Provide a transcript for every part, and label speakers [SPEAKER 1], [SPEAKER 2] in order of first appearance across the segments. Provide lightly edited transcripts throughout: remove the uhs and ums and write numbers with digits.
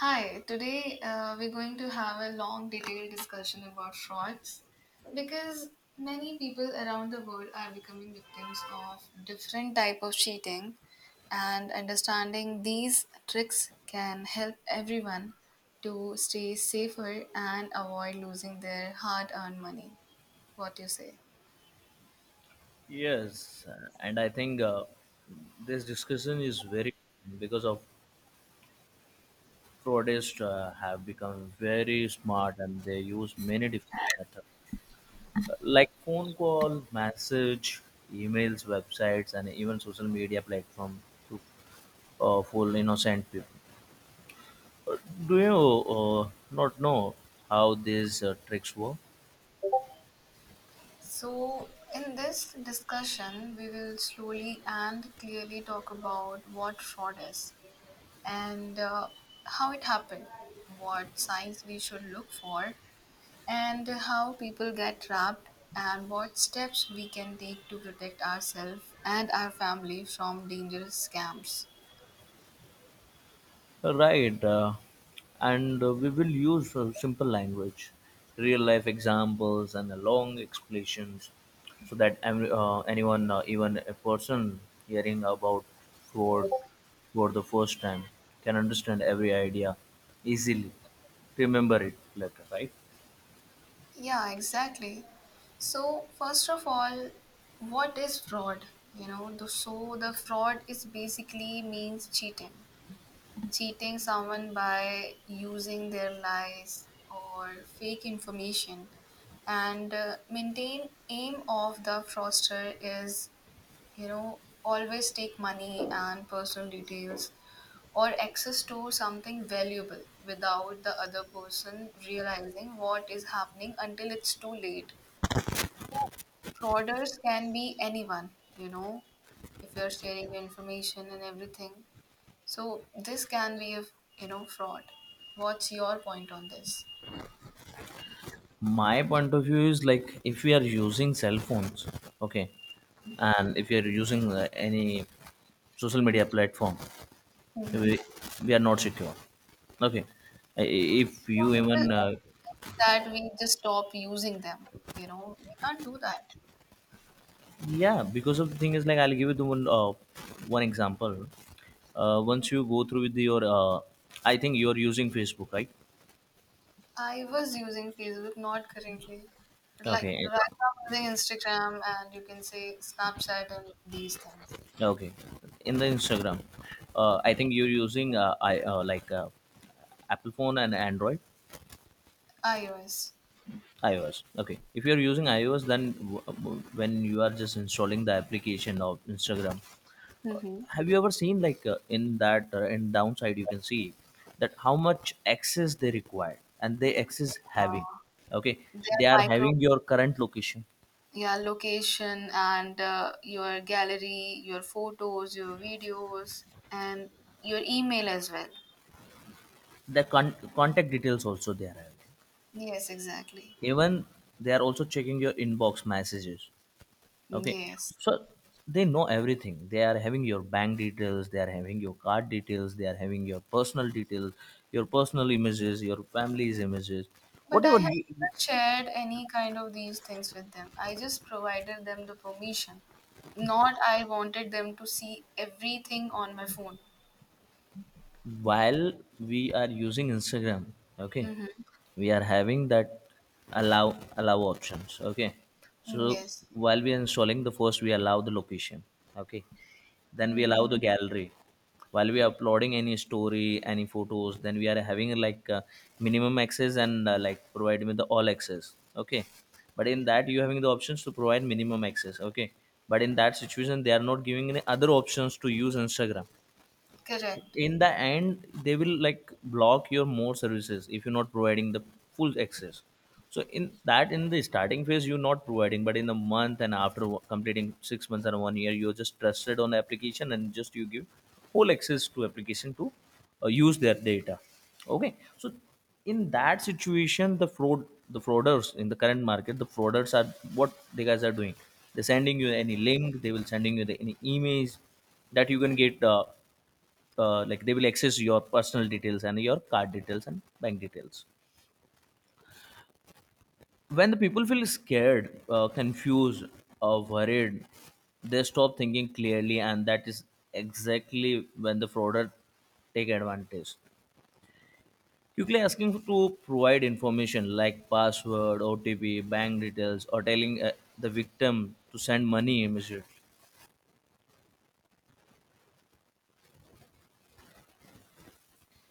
[SPEAKER 1] Hi, today we're going to have a long, detailed discussion about frauds because many people around the world are becoming victims of different type of cheating, and understanding these tricks can help everyone to stay safer and avoid losing their hard-earned money. What do you say?
[SPEAKER 2] Yes, and I think this discussion is very because of fraudsters have become very smart, and they use many different methods like phone call, message, emails, websites, and even social media platform to fool innocent people. Do you not know how these tricks work?
[SPEAKER 1] So, in this discussion, we will slowly and clearly talk about what fraud is, and how it happened, what signs we should look for, and how people get trapped, and what steps we can take to protect ourselves and our family from dangerous scams.
[SPEAKER 2] Right, and we will use simple language, real life examples, and long explanations so that anyone, even a person hearing about fraud for the first time, can understand every idea easily, remember it later, right?
[SPEAKER 1] Yeah, exactly. So, first of all, what is fraud? The fraud is basically means cheating someone by using their lies or fake information, and maintain aim of the fraudster is, you know, always take money and personal details or access to something valuable without the other person realizing what is happening until it's too late. Frauders can be anyone, you know. If you're sharing your information and everything, so this can be a, you know, fraud. What's your point on this?
[SPEAKER 2] My point of view is like if we are using cell phones, okay, and if you're using any social media platform,
[SPEAKER 1] Mm-hmm.
[SPEAKER 2] we, we are not secure, okay? If you even
[SPEAKER 1] That we just stop using them. You know we can't do that.
[SPEAKER 2] yeah, because of the thing is like, I'll give you the one one example. Once you go through with your I think you're using Facebook, right?
[SPEAKER 1] I was using Facebook, not currently. Like
[SPEAKER 2] Okay.
[SPEAKER 1] right now, I'm using Instagram, and you can say Snapchat and these things.
[SPEAKER 2] Okay, in the Instagram, I think you're using I like Apple phone and Android.
[SPEAKER 1] iOS.
[SPEAKER 2] iOS. Okay, if you're using iOS, then when you are just installing the application of Instagram,
[SPEAKER 1] Mm-hmm.
[SPEAKER 2] have you ever seen like in that, in downside you can see that how much access they require and they access having? Okay,
[SPEAKER 1] Their
[SPEAKER 2] they are
[SPEAKER 1] micro.
[SPEAKER 2] having your current location,
[SPEAKER 1] Yeah, location, and your gallery, your photos, your videos, and your email as well.
[SPEAKER 2] the contact details also they are having,
[SPEAKER 1] Yes, exactly.
[SPEAKER 2] even they are also checking your inbox messages. Okay,
[SPEAKER 1] Yes.
[SPEAKER 2] so they know everything. They are having your bank details, they are having your card details, they are having your personal details, your personal images, your family's images,
[SPEAKER 1] But I
[SPEAKER 2] whatever
[SPEAKER 1] have
[SPEAKER 2] you,
[SPEAKER 1] never shared any kind of these things with them. I just provided them the permission. Not I wanted them to see everything on my phone.
[SPEAKER 2] while we are using Instagram. Okay,
[SPEAKER 1] Mm-hmm.
[SPEAKER 2] we are having that allow options, okay? So
[SPEAKER 1] Yes.
[SPEAKER 2] while we are installing the first, we allow the location, okay? Then we allow
[SPEAKER 1] Mm-hmm.
[SPEAKER 2] the gallery. While we are uploading any story, any photos, then we are having like minimum access and like providing with the all access, okay? But in that you having the options to provide minimum access, okay? But in that situation, they are not giving any other options to use Instagram.
[SPEAKER 1] Correct.
[SPEAKER 2] In the end, they will like block your more services if you're not providing the full access. So in that, in the starting phase you're not providing, but in the month and after completing 6 months and 1 year, you're just trusted on the application, and just you give whole access to application to use their data. Okay, so in that situation, the frauders in the current market, the frauders are what the guys are doing, they're sending you any link, they will sending you the, any emails that you can get like they will access your personal details and your card details and bank details. When the people feel scared, confused or worried, they stop thinking clearly, and that is exactly when the frauder take advantage, quickly asking to provide information like password, OTP, bank details, or telling the victim to send money immediately.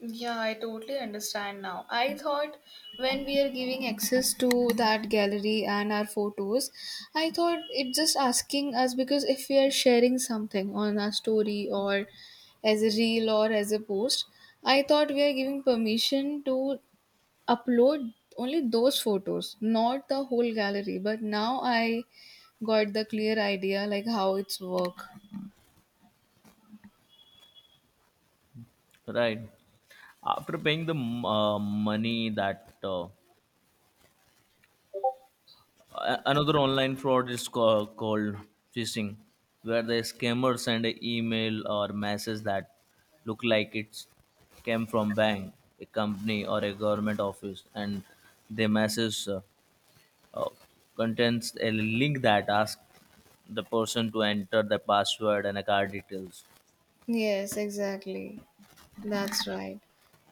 [SPEAKER 1] Yeah, I totally understand now. I thought when we are giving access to that gallery and our photos, I thought it just asking us because if we are sharing something on our story or as a reel or as a post, I thought we are giving permission to upload only those photos, not the whole gallery. But now I got the clear idea like how it's work.
[SPEAKER 2] Right, after paying the money that another online fraud is called phishing, where the scammer send an email or message that look like it came from bank, a company, or a government office, and the message uh, contains a link that asks the person to enter the password and account details.
[SPEAKER 1] Yes, exactly. That's right.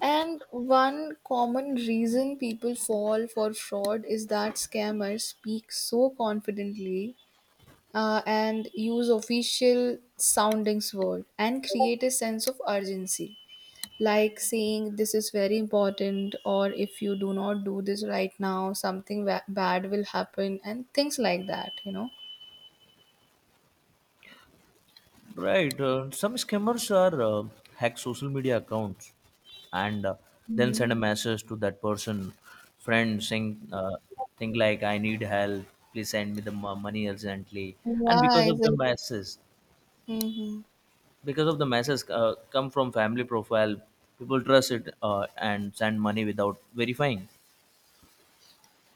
[SPEAKER 1] And one common reason people fall for fraud is that scammers speak so confidently and use official soundings word and create a sense of urgency, like saying this is very important, or if you do not do this right now something wa- bad will happen, and things like that, you know.
[SPEAKER 2] Right. Some scammers are hack social media accounts and then
[SPEAKER 1] Hmm.
[SPEAKER 2] send a message to that person, friend, saying thing like, "I need help. Please send me the money urgently." And because
[SPEAKER 1] Yeah,
[SPEAKER 2] of the message,
[SPEAKER 1] exactly.
[SPEAKER 2] come from family profile, people trust it and send money without verifying.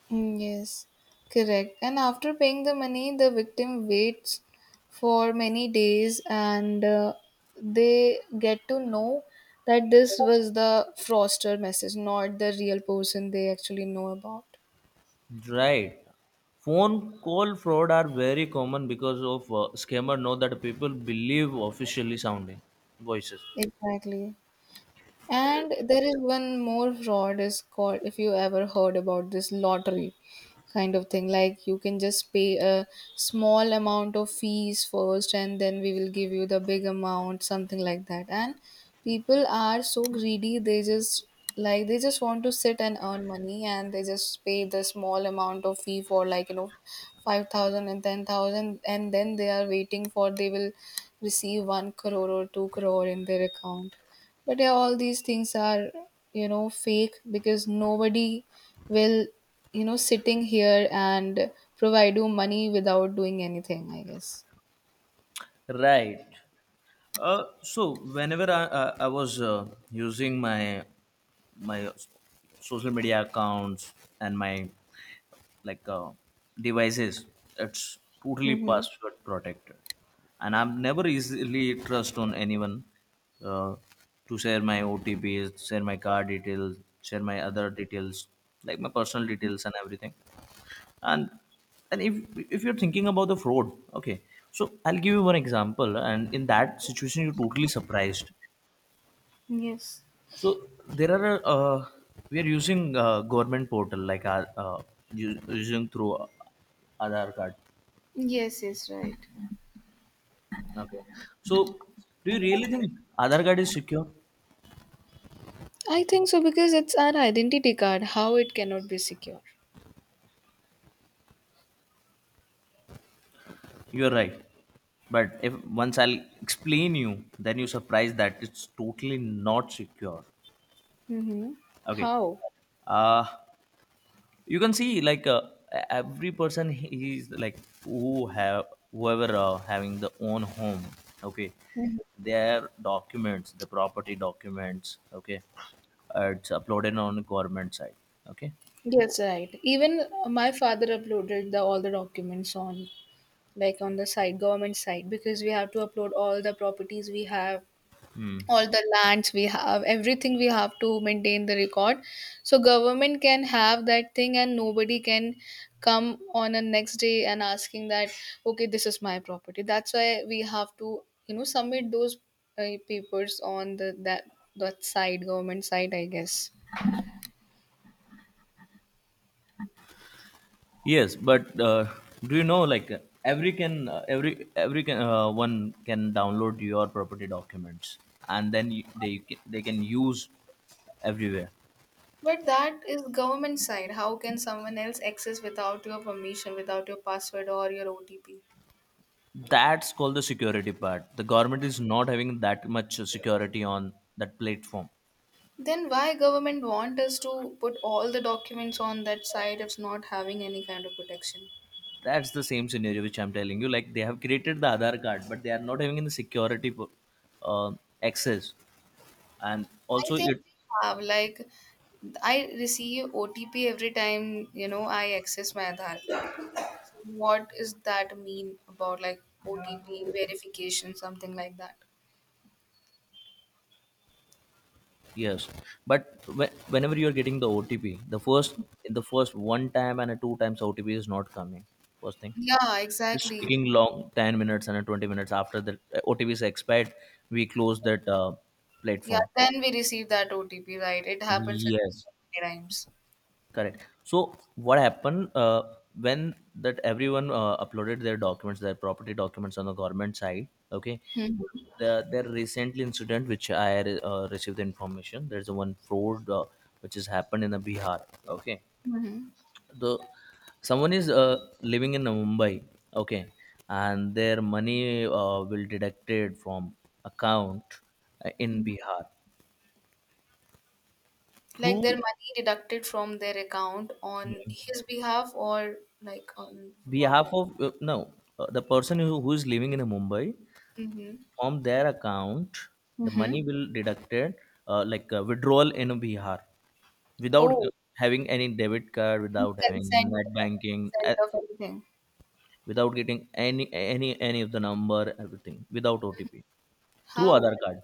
[SPEAKER 1] Mm, yes, correct. And after paying the money, the victim waits for many days, and they get to know that this was the fraudster message, not the real person they actually know about.
[SPEAKER 2] Right. Phone call fraud are very common because of scammer know that people believe officially sounding voices.
[SPEAKER 1] Exactly. And there is one more fraud is called, if you ever heard about this lottery kind of thing, like you can just pay a small amount of fees first and then we will give you the big amount, something like that. And people are so greedy, they just, like they just want to sit and earn money, and they just pay the small amount of fee for like, you know, 5000 and 10000, and then they are waiting for they will receive 1 crore or 2 crore in their account. But yeah, all these things are, you know, fake, because nobody will, you know, sitting here and provide you money without doing anything, I guess.
[SPEAKER 2] Right. So whenever I was using my social media accounts and my like devices, it's totally
[SPEAKER 1] Mm-hmm.
[SPEAKER 2] password protected, and I'm never easily trust on anyone uh, to share my OTPs, share my card details, share my other details like my personal details and everything, and and if you're thinking about the fraud, okay, so I'll give you one example, and in that situation you're totally surprised.
[SPEAKER 1] Yes.
[SPEAKER 2] So there are we are using government portal like our using through Aadhaar card.
[SPEAKER 1] Yes, yes, right.
[SPEAKER 2] Okay, so do you really think Aadhaar card is secure?
[SPEAKER 1] I think so, because it's our identity card, how it cannot be secure.
[SPEAKER 2] You're right, but if once I'll explain you, then you surprise that it's totally not secure.
[SPEAKER 1] Mm-hmm.
[SPEAKER 2] Okay.
[SPEAKER 1] How?
[SPEAKER 2] Uh, you can see like every person, he is like, who have, whoever having the own home, okay,
[SPEAKER 1] Mhm.
[SPEAKER 2] their documents, the property documents, okay, it's uploaded on government side. Okay.
[SPEAKER 1] Yes, right. Even my father uploaded the all the documents on, like on the site, government site, because we have to upload all the properties we have, all the lands we have, everything we have to maintain the record, so government can have that thing and nobody can come on a next day and asking that, okay, this is my property. That's why we have to, you know, submit those papers on the that that side, government side, I guess.
[SPEAKER 2] Yes, but do you know like every can, one can download your property documents and then they can use everywhere.
[SPEAKER 1] But that is government side, how can someone else access without your permission, without your password or your OTP?
[SPEAKER 2] That's called the security part. The government is not having that much security on that platform.
[SPEAKER 1] Then why government want us to put all the documents on that site if it's not having any kind of protection?
[SPEAKER 2] That's the same scenario which I'm telling you. Like they have created the Aadhaar card, but they are not having any security uh, access. And
[SPEAKER 1] I
[SPEAKER 2] also,
[SPEAKER 1] think
[SPEAKER 2] it,
[SPEAKER 1] we have, like, I receive OTP every time, you know, I access my Aadhaar card. So what is that mean about, like, OTP verification, something like that?
[SPEAKER 2] yes. But whenever you are getting the OTP, the first, in the first one time and a two times, OTP is not coming. First thing,
[SPEAKER 1] Yeah,
[SPEAKER 2] it's
[SPEAKER 1] exactly.
[SPEAKER 2] taking long, 10 minutes and a 20 minutes, after the OTP is expired. We close that
[SPEAKER 1] Yeah,
[SPEAKER 2] platform.
[SPEAKER 1] then we receive that OTP, right. It happens with me so
[SPEAKER 2] Yes.
[SPEAKER 1] many times.
[SPEAKER 2] Correct. So what happened when that everyone uploaded their documents, their property documents on the government side? Okay,
[SPEAKER 1] Hmm.
[SPEAKER 2] there recently incident which I received the information. There's a one fraud which has happened in the Bihar. Okay,
[SPEAKER 1] Hmm.
[SPEAKER 2] the someone is living in Mumbai. Okay, and their money will deducted from account in Bihar
[SPEAKER 1] Like their
[SPEAKER 2] through
[SPEAKER 1] money deducted from their account on his behalf or like on what
[SPEAKER 2] behalf
[SPEAKER 1] you.
[SPEAKER 2] of no, the person who is living in Mumbai,
[SPEAKER 1] Mm-hmm.
[SPEAKER 2] from their account the
[SPEAKER 1] Mm-hmm.
[SPEAKER 2] money will deducted, withdrawal in Bihar without
[SPEAKER 1] Oh,
[SPEAKER 2] having any debit card, without having net
[SPEAKER 1] any
[SPEAKER 2] banking,
[SPEAKER 1] consent of anything.
[SPEAKER 2] without getting any of the number, everything without OTP, through
[SPEAKER 1] How
[SPEAKER 2] other card.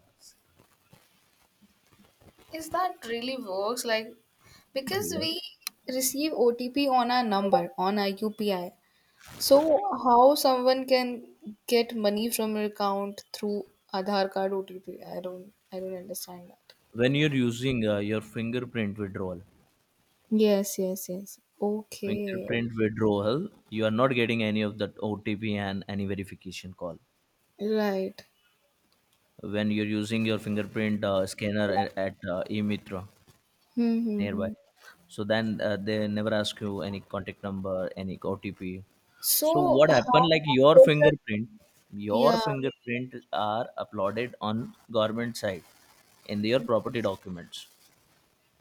[SPEAKER 1] is that really works, like, because
[SPEAKER 2] Yeah.
[SPEAKER 1] we receive OTP on our number, on our UPI. So how someone can get money from your account through Aadhaar card OTP? I don't understand that.
[SPEAKER 2] When you're using your fingerprint withdrawal,
[SPEAKER 1] Yes, yes, yes. Okay,
[SPEAKER 2] fingerprint withdrawal, you are not getting any of that OTP and any verification call
[SPEAKER 1] right.
[SPEAKER 2] when you're using your fingerprint scanner at emitra
[SPEAKER 1] Hmm, hmm,
[SPEAKER 2] nearby.
[SPEAKER 1] hmm.
[SPEAKER 2] So then they never ask you any contact number, any OTP. So
[SPEAKER 1] So
[SPEAKER 2] what
[SPEAKER 1] how
[SPEAKER 2] happened? Like
[SPEAKER 1] can person?
[SPEAKER 2] your
[SPEAKER 1] Yeah.
[SPEAKER 2] fingerprint are uploaded on government site in their property documents.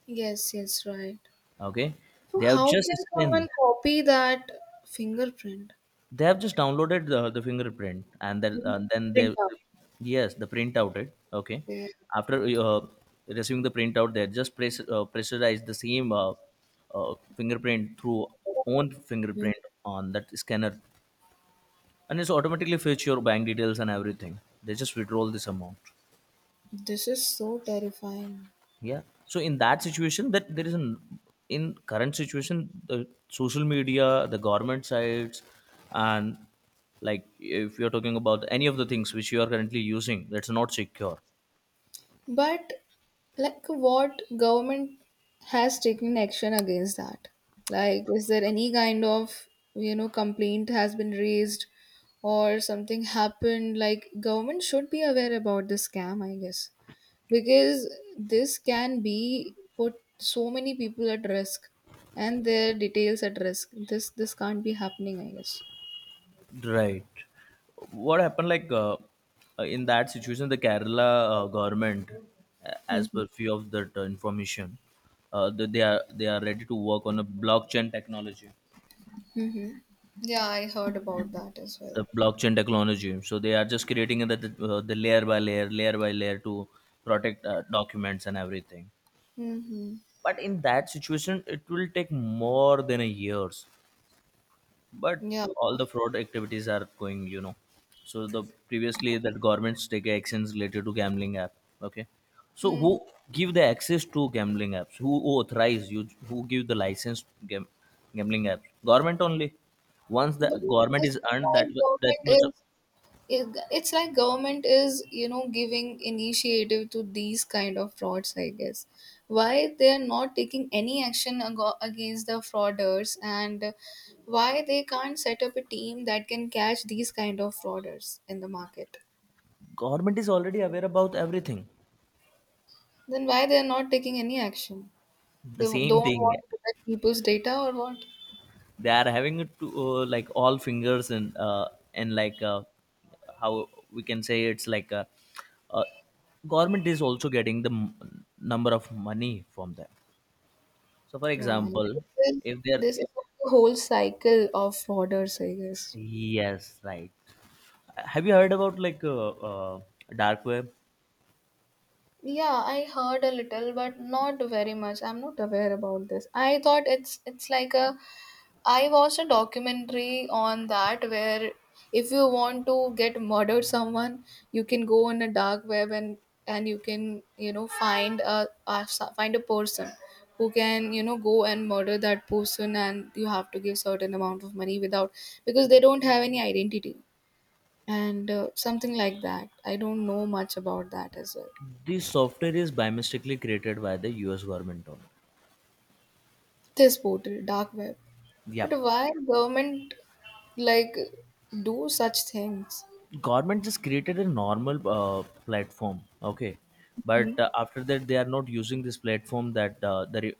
[SPEAKER 1] Yes, yes, right.
[SPEAKER 2] Okay,
[SPEAKER 1] So
[SPEAKER 2] they have
[SPEAKER 1] how
[SPEAKER 2] just
[SPEAKER 1] can someone
[SPEAKER 2] scanned.
[SPEAKER 1] copy that fingerprint?
[SPEAKER 2] They have just downloaded the fingerprint, and then
[SPEAKER 1] Hmm,
[SPEAKER 2] uh, then they,
[SPEAKER 1] print out.
[SPEAKER 2] yes the printout it, okay.
[SPEAKER 1] Yeah.
[SPEAKER 2] After receiving the printout, they just pressurize the same fingerprint through own
[SPEAKER 1] Hmm.
[SPEAKER 2] fingerprint on that scanner, and it's automatically fetch your bank details and everything, they just withdraw this amount.
[SPEAKER 1] This is so terrifying.
[SPEAKER 2] Yeah. So in that situation, that there is an, in current situation, the social media, the government sites, and like if you're talking about any of the things which you are currently using, that's not secure.
[SPEAKER 1] But like what government has taken action against that? Like is there any kind of, you know, complaint has been raised or something happened? Like government should be aware about this scam, I guess. Because this can be put so many people at risk, and their details at risk. This can't be happening, I guess.
[SPEAKER 2] Right. What happened? Like in that situation, the Kerala government, as
[SPEAKER 1] Mhm.
[SPEAKER 2] per few of that information, that they are, they are ready to work on a blockchain technology.
[SPEAKER 1] Hmm. Yeah, I heard about that as well.
[SPEAKER 2] The blockchain technology. So they are just creating the layer by layer, layer by layer, to protect documents and everything.
[SPEAKER 1] Hmm.
[SPEAKER 2] But in that situation, it will take more than a years. But
[SPEAKER 1] Yeah.
[SPEAKER 2] all the fraud activities are going, you know. So the previously that governments take actions related to gambling app. Okay, so
[SPEAKER 1] Hmm.
[SPEAKER 2] who give the access to gambling apps? Who authorize you? Who give the license to gambling apps? Government only. Once
[SPEAKER 1] But
[SPEAKER 2] the
[SPEAKER 1] this
[SPEAKER 2] government
[SPEAKER 1] is
[SPEAKER 2] is earned
[SPEAKER 1] why
[SPEAKER 2] that that
[SPEAKER 1] government
[SPEAKER 2] much,
[SPEAKER 1] is, it's like government is, you know, giving initiative to these kind of frauds, I guess. Why they are not taking any action ago- against the frauders, and why they can't set up a team that can catch these kind of frauders in the market?
[SPEAKER 2] government is already aware about everything.
[SPEAKER 1] Then why they are not taking any action? They
[SPEAKER 2] The
[SPEAKER 1] don't
[SPEAKER 2] same thing.
[SPEAKER 1] want to protect people's data or what?
[SPEAKER 2] They are having it to like all fingers and how we can say, it's like a, uh, government is also getting the number of money from them. So, for
[SPEAKER 1] No I-
[SPEAKER 2] example,
[SPEAKER 1] This is,
[SPEAKER 2] if they're,
[SPEAKER 1] this is a whole cycle of frauders, I guess.
[SPEAKER 2] yes, right. Have you heard about like dark web?
[SPEAKER 1] Yeah, I heard a little, but not very much. I'm not aware about this. I thought it's like a. I watched a documentary on that where if you want to get murdered someone, you can go on a dark web, and you can, you know, find a find a person who can, you know, go and murder that person, and you have to give certain amount of money without, because they don't have any identity, and something like that. I don't know much about that as well.
[SPEAKER 2] This software is by mistakenly created by the U.S. government. Only.
[SPEAKER 1] This portal, dark web.
[SPEAKER 2] Yeah.
[SPEAKER 1] But why government, like, do such things?
[SPEAKER 2] Government just created a normal platform, okay,
[SPEAKER 1] Hmm.
[SPEAKER 2] but after that they are not using this platform, that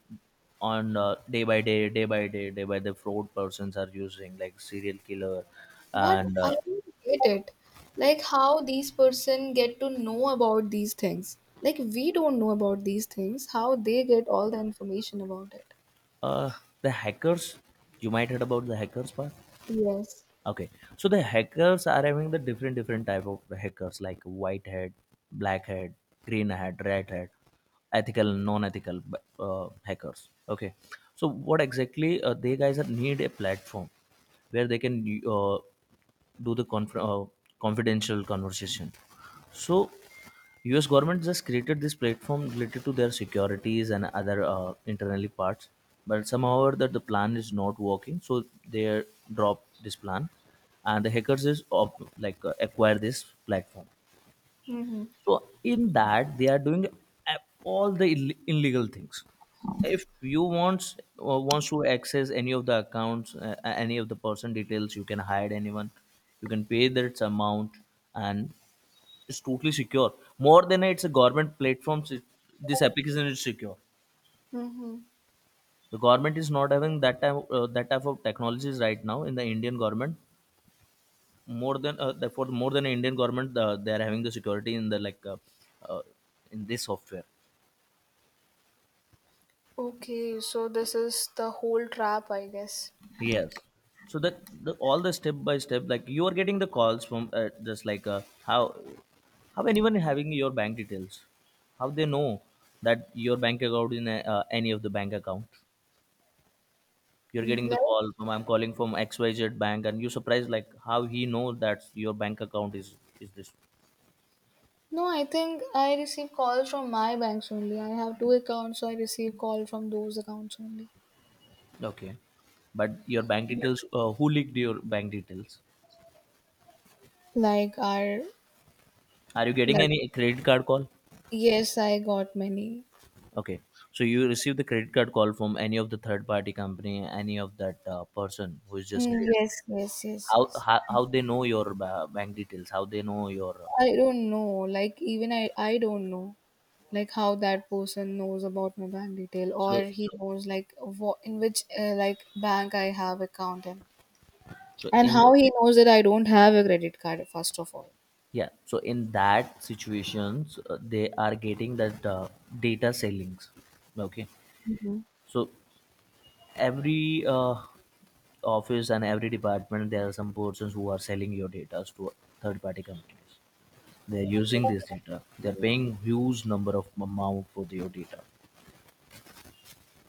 [SPEAKER 2] on day by day day by day day by the fraud persons are using like serial killer
[SPEAKER 1] But
[SPEAKER 2] and
[SPEAKER 1] I don't get it. Like how these person get to know about these things? Like we don't know about these things. How they get all the information about it?
[SPEAKER 2] uh, the hackers, you might heard about the hackers part.
[SPEAKER 1] Yes.
[SPEAKER 2] Okay, so the hackers are having the different type of hackers like white hat, black hat, green hat, red hat, ethical, non-ethical hackers. Okay, so what exactly they guys are need a platform where they can do the confidential conversation. So, U.S. government just created this platform related to their securities and other internally parts, but somehow that the plan is not working, so they drop this plan, and the hackers is acquire this platform.
[SPEAKER 1] Mm-hmm.
[SPEAKER 2] So in that they are doing uh, all the illegal things. If you wants or wants to access any of the accounts, any of the person details, you can hide anyone. You can pay that amount, and it's totally secure. More than it's a government platform. So This application is secure.
[SPEAKER 1] Mm-hmm.
[SPEAKER 2] The government is not having that type of technologies right now in the Indian government. More than therefore more than Indian government, they are having the security in the like uh, in this software.
[SPEAKER 1] Okay, so this is the whole trap, I guess.
[SPEAKER 2] Yes. So that the, all the step by step, like you are getting the calls from just like uh, how anyone having your bank details, how they know that your bank account in a, any of the bank account. You're getting the
[SPEAKER 1] Like
[SPEAKER 2] call from I'm calling from XYZ bank, and you surprised like how he know that your bank account is this.
[SPEAKER 1] no, I think I receive calls from my banks only. I have two accounts, so I receive call from those accounts only.
[SPEAKER 2] Okay, but your bank details, who leaked your bank details?
[SPEAKER 1] Like are,
[SPEAKER 2] Are you getting
[SPEAKER 1] like
[SPEAKER 2] any credit card call?
[SPEAKER 1] yes, I got many.
[SPEAKER 2] Okay, so you receive the credit card call from any of the third party company, any of that person who is just
[SPEAKER 1] Mm,
[SPEAKER 2] creating.
[SPEAKER 1] yes, yes, yes,
[SPEAKER 2] how
[SPEAKER 1] yes.
[SPEAKER 2] how, how they know your bank details, how they know your
[SPEAKER 1] I don't know, like, even I don't know like how that person knows about my bank detail,
[SPEAKER 2] so
[SPEAKER 1] or he knows like what in which like bank I have account in,
[SPEAKER 2] so
[SPEAKER 1] and
[SPEAKER 2] in
[SPEAKER 1] how he knows that I don't have a credit card, first of all.
[SPEAKER 2] Yeah, so in that situations they are getting that data sellings. Okay,
[SPEAKER 1] Mhm.
[SPEAKER 2] so every office and every department there are some persons who are selling your data to third party companies. They're using this data, they're paying huge number of amount for your data.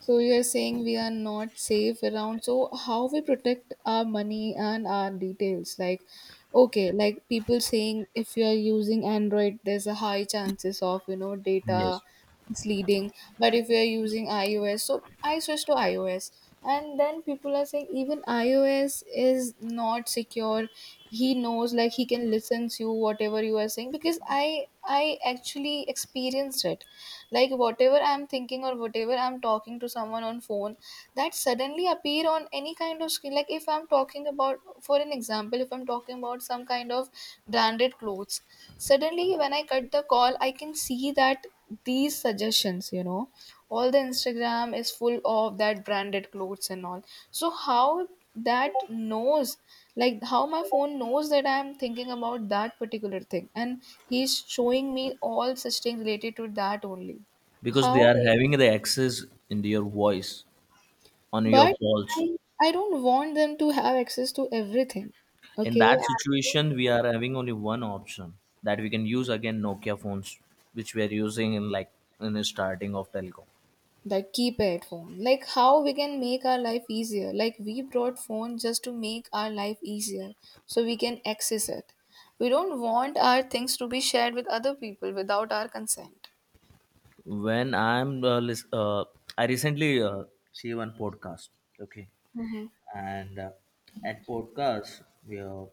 [SPEAKER 1] So you're saying we are not safe around. So how we protect our money and our details? Like, okay, like people saying if you are using Android, there's a high chances of, you know, data
[SPEAKER 2] Yes.
[SPEAKER 1] misleading. But if you are using iOS, so I switched to iOS, and then people are saying even iOS is not secure. He knows, like he can listen to you whatever you are saying, because I actually experienced it. Like whatever I'm thinking, or whatever I'm talking to someone on phone, that suddenly appear on any kind of screen. Like if I'm talking about, for an example, if I'm talking about some kind of branded clothes, suddenly when I cut the call, I can see that these suggestions, you know, all the Instagram is full of that branded clothes and all. So how that knows, like how my phone knows that I am thinking about that particular thing, and he's showing me all such things related to that only?
[SPEAKER 2] Because they
[SPEAKER 1] How?
[SPEAKER 2] are having the access into your voice on your
[SPEAKER 1] But i
[SPEAKER 2] calls.
[SPEAKER 1] I don't want them to have access to everything.
[SPEAKER 2] In
[SPEAKER 1] Okay,
[SPEAKER 2] that situation we are having only one option, that we can use again Nokia phones, which we are using in like in the starting of telecom.
[SPEAKER 1] the keypad phone, like how we can make our life easier? Like we brought phone just to make our life easier, so we can access it. We don't want our things to be shared with other people without our consent.
[SPEAKER 2] When i'm uh, lis- uh, i recently see one podcast. Okay.
[SPEAKER 1] Hmm.
[SPEAKER 2] And at podcast we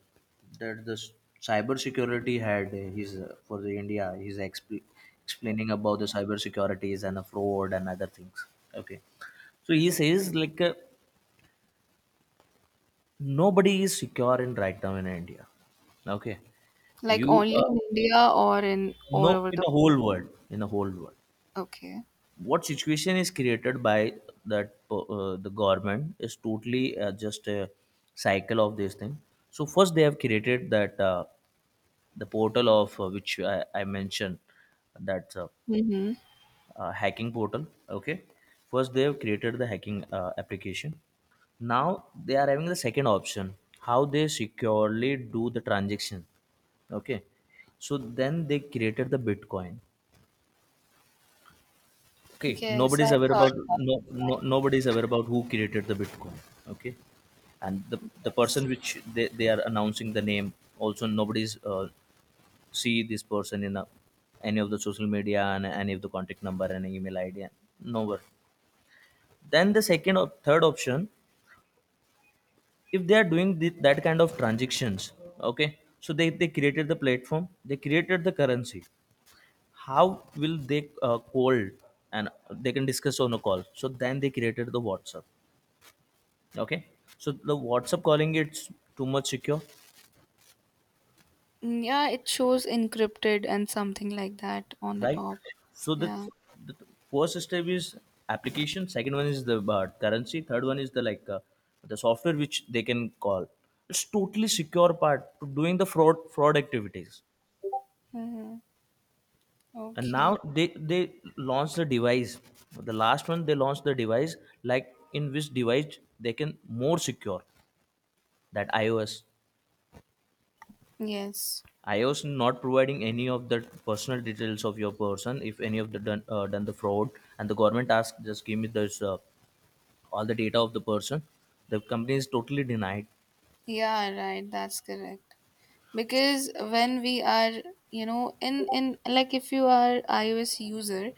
[SPEAKER 2] that the s- cyber security had his for the India he's explaining about the cyber securities and the fraud and other things. Okay. So he says like nobody is secure in right now in India. Okay.
[SPEAKER 1] Like
[SPEAKER 2] you
[SPEAKER 1] only in India, or in all
[SPEAKER 2] no,
[SPEAKER 1] over
[SPEAKER 2] in
[SPEAKER 1] the
[SPEAKER 2] the
[SPEAKER 1] world?
[SPEAKER 2] whole world. In the whole world,
[SPEAKER 1] Okay.
[SPEAKER 2] what situation is created by that the government is totally just a cycle of this thing. So first they have created that the portal of which I mentioned that
[SPEAKER 1] Mm-hmm.
[SPEAKER 2] hacking portal. Okay, first they have created the hacking application. Now they are having the second option, how they securely do the transaction. Okay, so then they created the Bitcoin. Okay,
[SPEAKER 1] Yes, I
[SPEAKER 2] nobody's aware
[SPEAKER 1] heard
[SPEAKER 2] about,
[SPEAKER 1] it.
[SPEAKER 2] no, no, nobody's aware about who created the Bitcoin. Okay, and the person which they are announcing the name also nobody's see this person in a, any of the social media and any of the contact number and email ID. Nowhere. Then the second or third option, if they are doing the, that kind of transactions, okay, so they created the platform, they created the currency. How will they call and they can discuss on a call? So then they created the WhatsApp. Okay, so the WhatsApp calling, it's too much secure.
[SPEAKER 1] Mm, yeah, it shows encrypted and something like that on the
[SPEAKER 2] Right,
[SPEAKER 1] top.
[SPEAKER 2] so
[SPEAKER 1] Yeah.
[SPEAKER 2] the first step is application, second one is the currency, third one is the like the software which they can call. It's totally secure part to doing the fraud activities.
[SPEAKER 1] Hmm.
[SPEAKER 2] And
[SPEAKER 1] Okay.
[SPEAKER 2] now they launched the device, the last one, they launched the device, like in which device they can more secure. That iOS.
[SPEAKER 1] Yes.
[SPEAKER 2] iOS not providing any of the personal details of your person, if any of the done, done the fraud and the government asks, just give me this all the data of the person, the company is totally denied.
[SPEAKER 1] Yeah, right, that's correct. Because when we are in like if you are iOS user,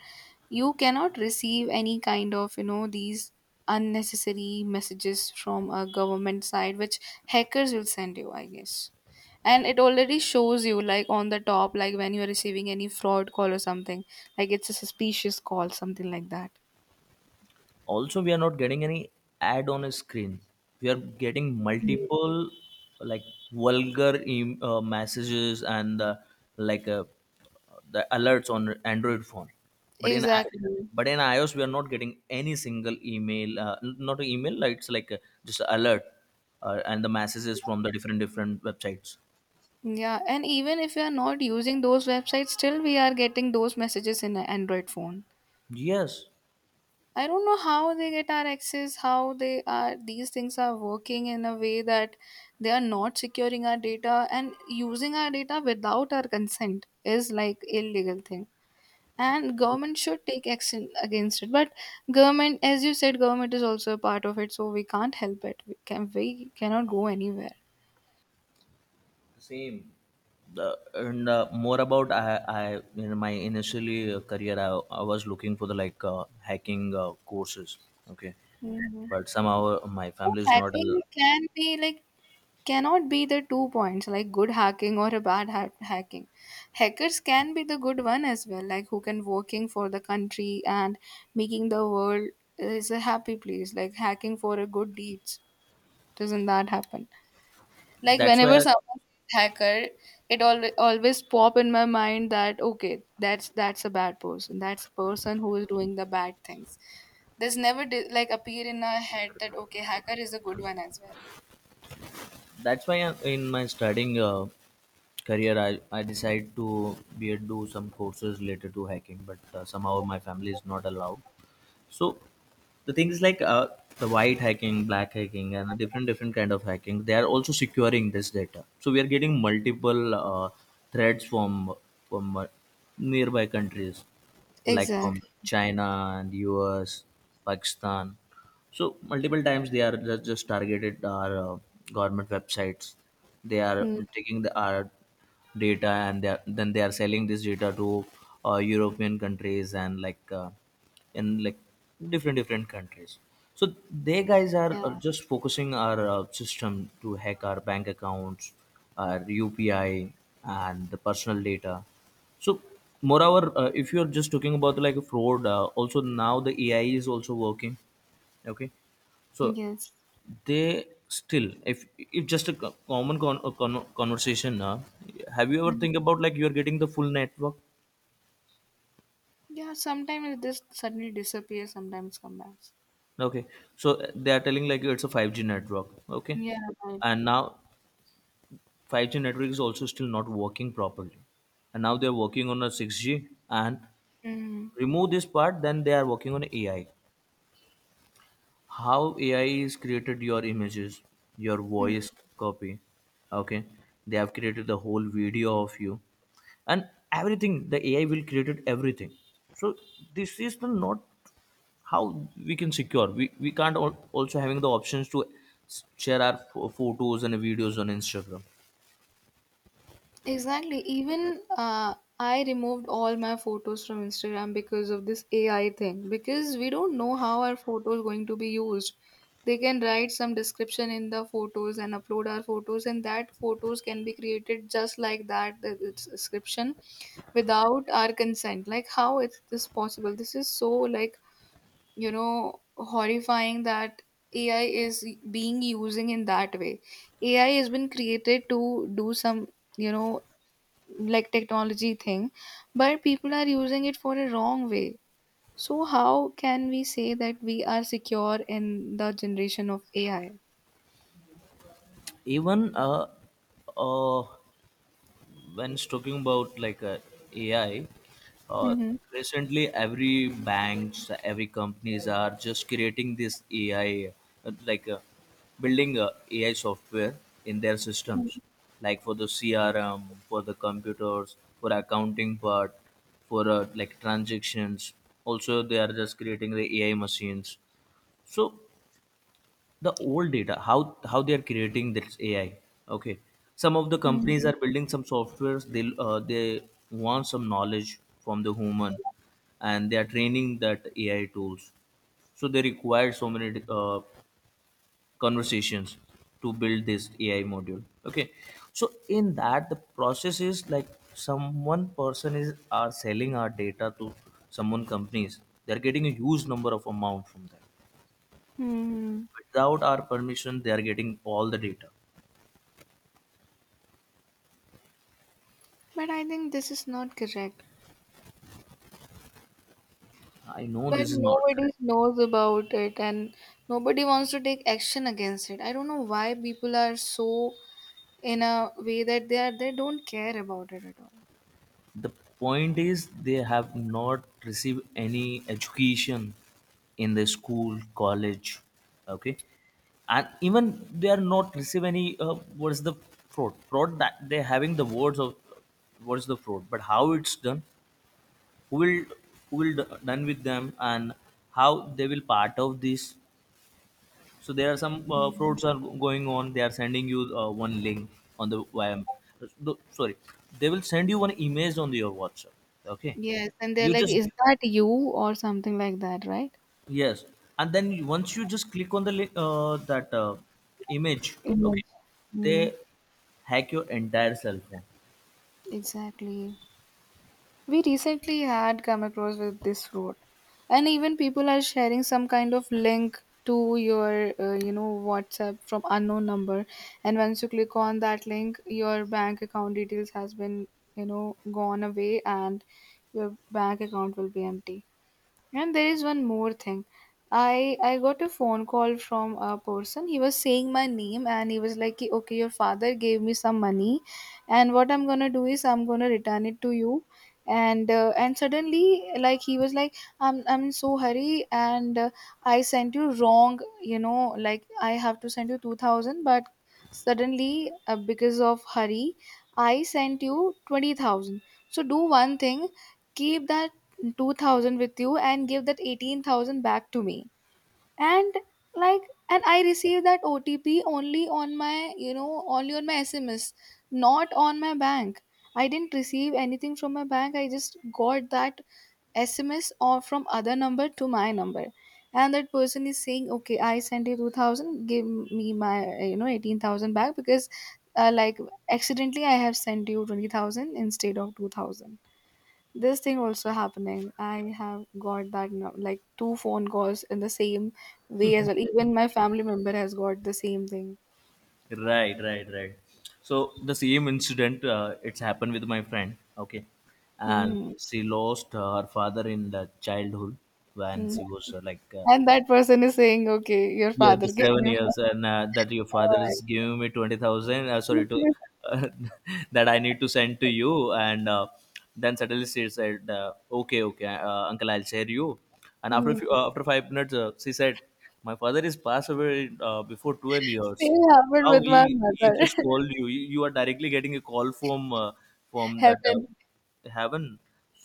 [SPEAKER 1] you cannot receive any kind of these unnecessary messages from a government side which hackers will send you, I guess. And it already shows you like on the top, like when you are receiving any fraud call or something, like it's a suspicious call, something like that.
[SPEAKER 2] Also we are not getting any ad on a screen. We are getting
[SPEAKER 1] Mm.
[SPEAKER 2] multiple like vulgar messages and like uh, the alerts on Android phone. but in I-
[SPEAKER 1] Exactly.
[SPEAKER 2] but in iOS we are not getting any single email not an email, like it's like a, just a alert and the messages from the different different websites.
[SPEAKER 1] Yeah, and even if we are not using those websites, still we are getting those messages in an Android phone.
[SPEAKER 2] Yes.
[SPEAKER 1] I don't know how they get our access, how they are these things are working in a way that they are not securing our data, and using our data without our consent is like illegal thing. And government should take action against it. But government, as you said, government is also a part of it, so we can't help it. We cannot go anywhere.
[SPEAKER 2] Same. The, and more about I, in my initially career I was looking for the like hacking courses. Okay,
[SPEAKER 1] Mm.
[SPEAKER 2] but somehow my
[SPEAKER 1] So
[SPEAKER 2] family is not
[SPEAKER 1] hacking can be like cannot be the two points, like good hacking or a bad hacking. Hackers can be the good one as well, like who can working for the country and making the world is a happy place, like hacking for a good deeds. Doesn't that happen? Like
[SPEAKER 2] that's why
[SPEAKER 1] whenever someone says hacker, it always pop in my mind that okay, that's a bad person, that's a person who is doing the bad things. There's never like appear in our head that okay, hacker is a good one as well.
[SPEAKER 2] that's why in my studying career, I decide to be do some courses related to hacking but somehow my family is not allowed. So the thing is like the white hacking, black hacking, and different different kind of hacking. They are also securing this data. So we are getting multiple threats from from uh, nearby countries, like from
[SPEAKER 1] Exactly.
[SPEAKER 2] China and US, Pakistan. So multiple times they are just targeted our government websites. They are
[SPEAKER 1] Mm,
[SPEAKER 2] taking the, our data and they are, then they are selling this data to European countries and like in like different different countries. So they guys are,
[SPEAKER 1] yeah.
[SPEAKER 2] are just focusing our system to hack our bank accounts, our UPI, and the personal data. So moreover, if you are just talking about like fraud, also now the AI is also working. Okay, so
[SPEAKER 1] Yes.
[SPEAKER 2] they still, if just a co- common con- a con- conversation have you ever
[SPEAKER 1] And
[SPEAKER 2] think about like you're getting the full network.
[SPEAKER 1] yeah, sometimes it just suddenly disappears, sometimes come back.
[SPEAKER 2] Okay, so they are telling like it's a 5G network. Okay,
[SPEAKER 1] Yeah, right.
[SPEAKER 2] and now 5G network is also still not working properly, and now they're working on a 6G, and
[SPEAKER 1] Mm.
[SPEAKER 2] remove this part then they are working on AI, how AI is created your images, your
[SPEAKER 1] Mm.
[SPEAKER 2] voice copy. Okay, they have created the whole video of you and everything. The AI will created everything. So this is the not how we can secure. We can't also having the options to share our photos and videos on Instagram.
[SPEAKER 1] Exactly. Even I removed all my photos from Instagram because of this AI thing. Because we don't know how our photos going to be used. They can write some description in the photos and upload our photos, and that photos can be created just like that the description without our consent. Like how is this possible? This is so like horrifying that AI is being using in that way. AI has been created to do some you know like technology thing, but people are using it for a wrong way. So how can we say that we are secure in the generation of AI?
[SPEAKER 2] Even uh when talking about like AI, uh,
[SPEAKER 1] Mm-hmm.
[SPEAKER 2] recently every banks, every companies are just creating this AI, uh, like uh, building AI software in their systems, like for the CRM, for the computers, for accounting part, for like transactions. Also, they are just creating the AI machines. So the old data how they are creating this AI. Okay, some of the
[SPEAKER 1] Hmm.
[SPEAKER 2] companies are building some softwares, they want some knowledge from the human and they are training that AI tools. So they require so many conversations to build this AI module. Okay, so in that, the process is like someone person is are selling our data to someone companies, they're getting a huge number of amount from that,
[SPEAKER 1] Hmm.
[SPEAKER 2] without our permission they are getting all the data.
[SPEAKER 1] But I think this is not correct.
[SPEAKER 2] I know
[SPEAKER 1] But
[SPEAKER 2] this is not
[SPEAKER 1] nobody
[SPEAKER 2] correct.
[SPEAKER 1] knows about it, and nobody wants to take action against it. I don't know why people are so in a way that they don't care about it at all.
[SPEAKER 2] The point is they have not received any education in the school college. Okay, and even they are not receive any what is the fraud, that they having the words of what is the fraud, but how it's done, who will, who will done with them and how they will part of this. So there are some frauds are going on. They are sending you one link on the no, sorry, they will send you one image on your WhatsApp. Okay,
[SPEAKER 1] Yes, and they're
[SPEAKER 2] you
[SPEAKER 1] like,
[SPEAKER 2] just,
[SPEAKER 1] "Is that you?" or something like that, right?
[SPEAKER 2] yes, and then once you just click on that image, okay,
[SPEAKER 1] Image.
[SPEAKER 2] they
[SPEAKER 1] Mm,
[SPEAKER 2] hack your entire cell phone.
[SPEAKER 1] exactly. We recently had come across with this road, and even people are sharing some kind of link to your, WhatsApp from unknown number, and once you click on that link, your bank account details has been, gone away, and your bank account will be empty. And there is one more thing. I got a phone call from a person. He was saying my name, and he was like, "Ki, okay, your father gave me some money, and what I'm gonna do is I'm gonna return it to you." And suddenly, like he was like, "I'm in so hurry, and I sent you wrong. You know, like I have to send you 2,000, but suddenly because of hurry, I sent you 20,000. So do one thing." Keep that 2000 with you, and give that 18,000 back to me. And like and I received that OTP only on my, only on my SMS, not on my bank. I didn't receive anything from my bank. I just got that SMS or from other number to my number. And that person is saying, "Okay, I sent you 2000, give me my, 18,000 back because like accidentally I have sent you 20,000 instead of 2000." This thing also happening. I have got that now like two phone calls in the same way as well. Even my family member has got the same thing.
[SPEAKER 2] Right, right, right. So the same incident it's happened with my friend. Okay, and
[SPEAKER 1] Hmm.
[SPEAKER 2] she lost her father in the childhood, when
[SPEAKER 1] Hmm.
[SPEAKER 2] she was like.
[SPEAKER 1] And that person is saying, okay, your
[SPEAKER 2] Yeah,
[SPEAKER 1] father
[SPEAKER 2] the
[SPEAKER 1] gave
[SPEAKER 2] seven
[SPEAKER 1] you
[SPEAKER 2] years, and that your father is
[SPEAKER 1] Alright.
[SPEAKER 2] giving me 20,000. Sorry to uh, that I need to send to you, and then suddenly she said, "Okay, okay, uncle, I'll share you." And
[SPEAKER 1] Hmm.
[SPEAKER 2] after 5 minutes, she said, "My father is passed away before 12 years.
[SPEAKER 1] Same happened
[SPEAKER 2] How
[SPEAKER 1] with my
[SPEAKER 2] he
[SPEAKER 1] mother.
[SPEAKER 2] just called you? You are directly getting a call from that
[SPEAKER 1] Heaven.
[SPEAKER 2] heaven."